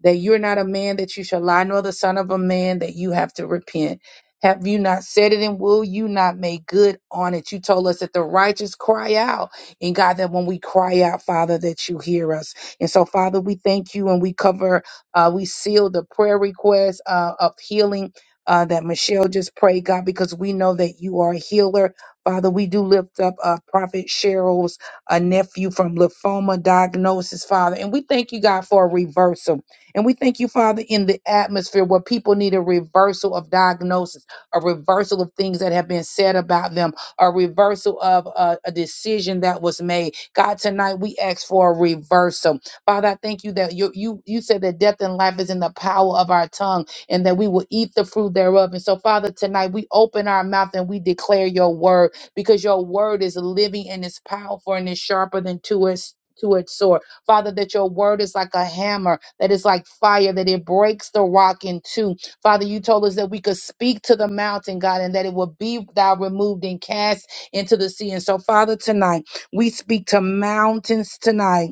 Speaker 4: that you're not a man that you shall lie, nor the son of a man that you have to repent. Have you not said it, and will you not make good on it? You told us that the righteous cry out, and God, that when we cry out, Father, that you hear us. And so, Father, we thank you, and we cover, uh, we seal the prayer request uh, of healing. Uh, that Michelle just prayed, God, because we know that you are a healer. Father, we do lift up uh, Prophet Cheryl's uh, nephew from lymphoma diagnosis, Father. And we thank you, God, for a reversal. And we thank you, Father, in the atmosphere where people need a reversal of diagnosis, a reversal of things that have been said about them, a reversal of uh, a decision that was made. God, tonight we ask for a reversal. Father, I thank you that you you you said that death and life is in the power of our tongue and that we will eat the fruit thereof. And so, Father, tonight we open our mouth and we declare your word because your word is living and it's powerful and it's sharper than two-edged two-edged sword. Father, that your word is like a hammer, that is like fire, that it breaks the rock in two. Father, you told us that we could speak to the mountain, God, and that it will be thou removed and cast into the sea. And so, Father, tonight we speak to mountains tonight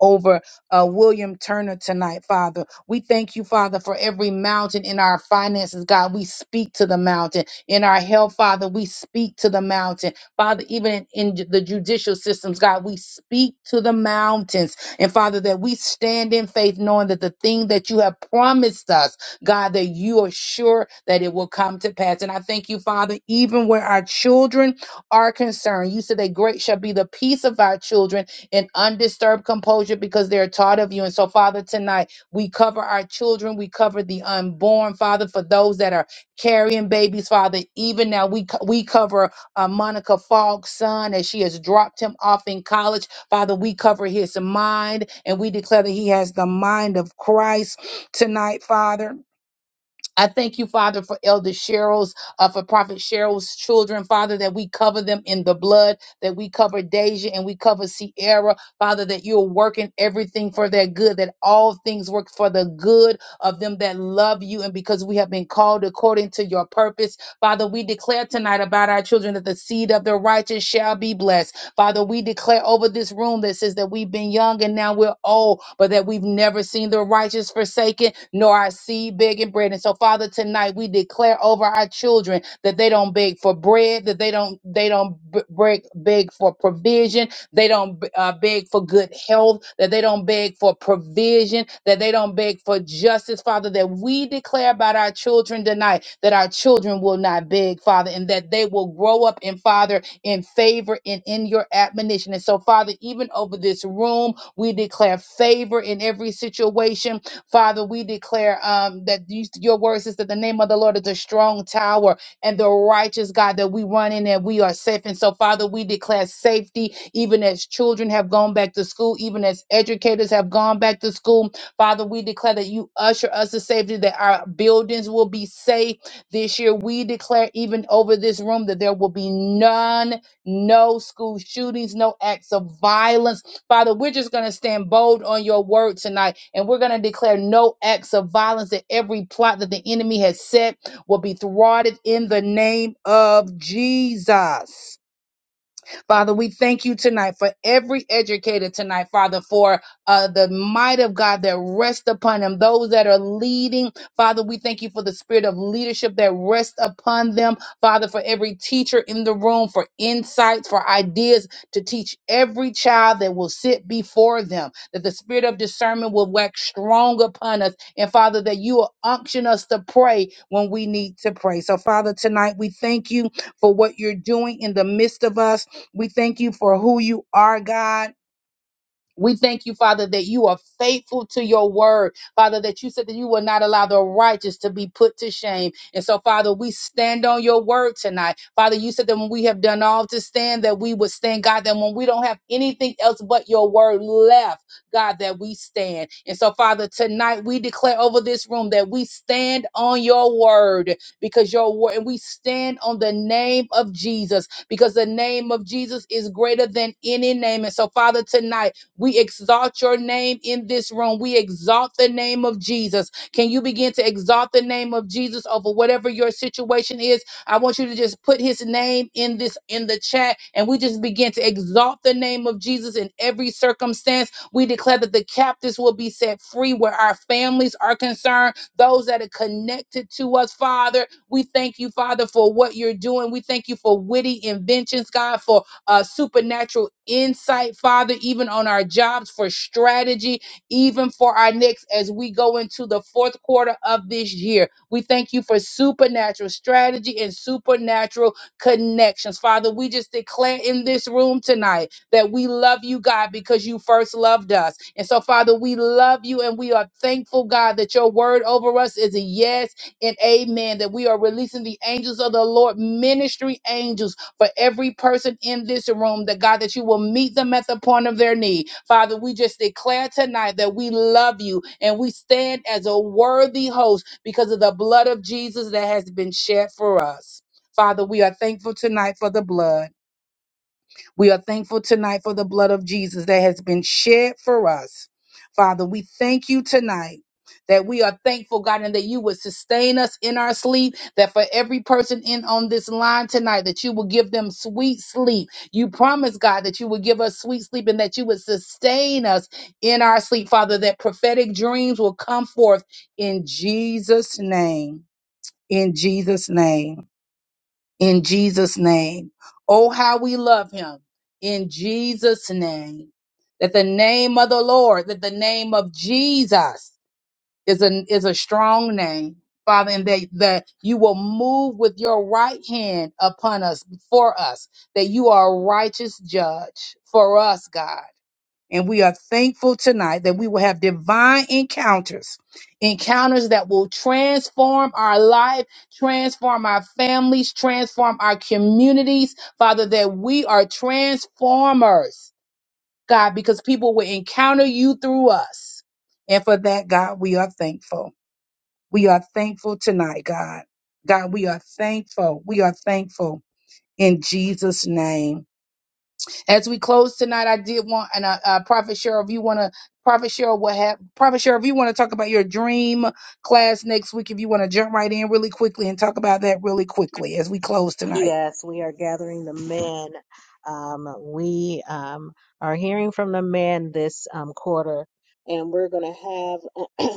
Speaker 4: over uh, William Turner tonight, Father. We thank you, Father, for every mountain in our finances, God. We speak to the mountain. In our health, Father, we speak to the mountain. Father, even in, in the judicial systems, God, we speak to the mountains. And Father, that we stand in faith knowing that the thing that you have promised us, God, that you are sure that it will come to pass. And I thank you, Father, even where our children are concerned. You said that great shall be the peace of our children in undisturbed composure because they're taught of you. And so, Father, tonight we cover our children, we cover the unborn, Father, for those that are carrying babies, Father. Even now, we co- we cover uh, Monica Falk's son as she has dropped him off in college, Father. We cover his mind, and we declare that he has the mind of Christ tonight, Father. I thank you, Father, for Elder Cheryl's, uh, for Prophet Cheryl's children, Father, that we cover them in the blood, that we cover Deja and we cover Sierra, Father, that you're working everything for their good, that all things work for the good of them that love you, and because we have been called according to your purpose. Father, we declare tonight about our children that the seed of the righteous shall be blessed. Father, we declare over this room that says that we've been young and now we're old, but that we've never seen the righteous forsaken, nor our seed begging bread. And so, Father, tonight we declare over our children that they don't beg for bread, that they don't they don't b- beg beg for provision, they don't uh, beg for good health, that they don't beg for provision, that they don't beg for justice, Father. That we declare about our children tonight that our children will not beg, Father, and that they will grow up and Father in favor and in your admonition. And so, Father, even over this room, we declare favor in every situation. Father, we declare um, that you, your word says that the name of the Lord is a strong tower and the righteous God that we run in and we are safe. And so, Father, we declare safety even as children have gone back to school, even as educators have gone back to school. Father, we declare that you usher us to safety, that our buildings will be safe this year, we declare even over this room that there will be none, no school shootings, no acts of violence. Father, we're just going to stand bold on your word tonight and we're going to declare no acts of violence that every plot that the enemy has set will be thwarted in the name of Jesus. Father, we thank you tonight for every educator tonight, Father, for uh, the might of God that rests upon them, those that are leading. Father, we thank you for the spirit of leadership that rests upon them. Father, for every teacher in the room, for insights, for ideas to teach every child that will sit before them, that the spirit of discernment will wax strong upon us. And Father, that you will unction us to pray when we need to pray. So, Father, tonight we thank you for what you're doing in the midst of us. We thank you for who you are, God. We thank you, Father, that you are faithful to your word, Father, that you said that you will not allow the righteous to be put to shame. And so, Father, we stand on your word tonight. Father, you said that when we have done all to stand, that we would stand, God, that when we don't have anything else but your word left, God, that we stand. And so, Father, tonight we declare over this room that we stand on your word because your word, and we stand on the name of Jesus because the name of Jesus is greater than any name. And so, Father, tonight, we exalt your name in this room. We exalt the name of Jesus. Can you begin to exalt the name of Jesus over whatever your situation is? I want you to just put his name in this in the chat and we just begin to exalt the name of Jesus in every circumstance. We declare that the captives will be set free where our families are concerned, those that are connected to us, Father. We thank you, Father, for what you're doing. We thank you for witty inventions, God, for uh, supernatural insight, Father, even on our jobs for strategy, even for our next as we go into the fourth quarter of this year. We thank you for supernatural strategy and supernatural connections. Father, we just declare in this room tonight that we love you, God, because you first loved us. And so, Father, we love you and we are thankful, God, that your word over us is a yes and amen. That we are releasing the angels of the Lord, ministry angels for every person in this room. That God, that you will meet them at the point of their need. Father, we just declare tonight that we love you and we stand as a worthy host because of the blood of Jesus that has been shed for us. Father, we are thankful tonight for the blood. We are thankful tonight for the blood of Jesus that has been shed for us. Father, we thank you tonight that we are thankful, God, and that you would sustain us in our sleep, that for every person in on this line tonight, that you will give them sweet sleep. You promise, God, that you would give us sweet sleep and that you would sustain us in our sleep, Father, that prophetic dreams will come forth in Jesus' name. In Jesus' name in Jesus' name. Oh, how we love him in Jesus' name. That the name of the Lord, that the name of Jesus is a, is a strong name, Father, and that, that you will move with your right hand upon us, for us, that you are a righteous judge for us, God. And we are thankful tonight that we will have divine encounters, encounters that will transform our life, transform our families, transform our communities. Father, that we are transformers, God, because people will encounter you through us. And for that, God, we are thankful. We are thankful tonight, God. God, we are thankful. We are thankful in Jesus' name. As we close tonight, I did want, and uh, uh, Prophet Cheryl, if you want to, Prophet Cheryl will have, Prophet Cheryl, if you want to talk about your dream class next week, if you want to jump right in really quickly and talk about that really quickly as we close tonight.
Speaker 3: Yes, we are gathering the men. Um, we um, are hearing from the men this um, quarter, and we're going to have.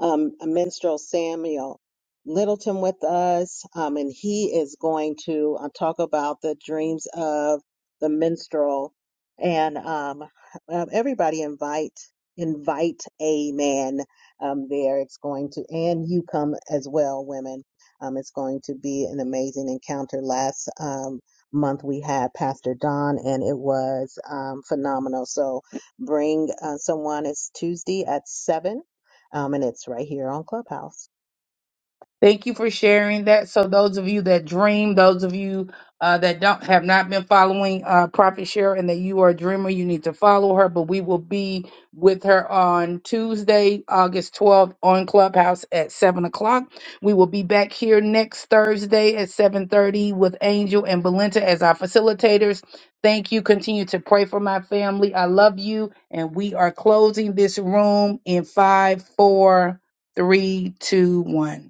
Speaker 3: um, Minstrel Samuel Littleton with us, um, and he is going to uh, talk about the dreams of the minstrel. And um, um, everybody invite invite a man um, there. It's going to, and you come as well, women. Um, it's going to be an amazing encounter. Last um, month we had Pastor Don, and it was um, phenomenal. So bring uh, someone. It's Tuesday at seven um, and it's right here on Clubhouse.
Speaker 4: Thank you for sharing that. So those of you that dream, those of you uh, that don't have not been following uh, Prophet Cheryl and that you are a dreamer, you need to follow her. But we will be with her on Tuesday, August 12th on Clubhouse at 7 o'clock. We will be back here next Thursday at 7.30 with Angel and Belinda as our facilitators. Thank you. Continue to pray for my family. I love you. And we are closing this room in five, four, three, two, one.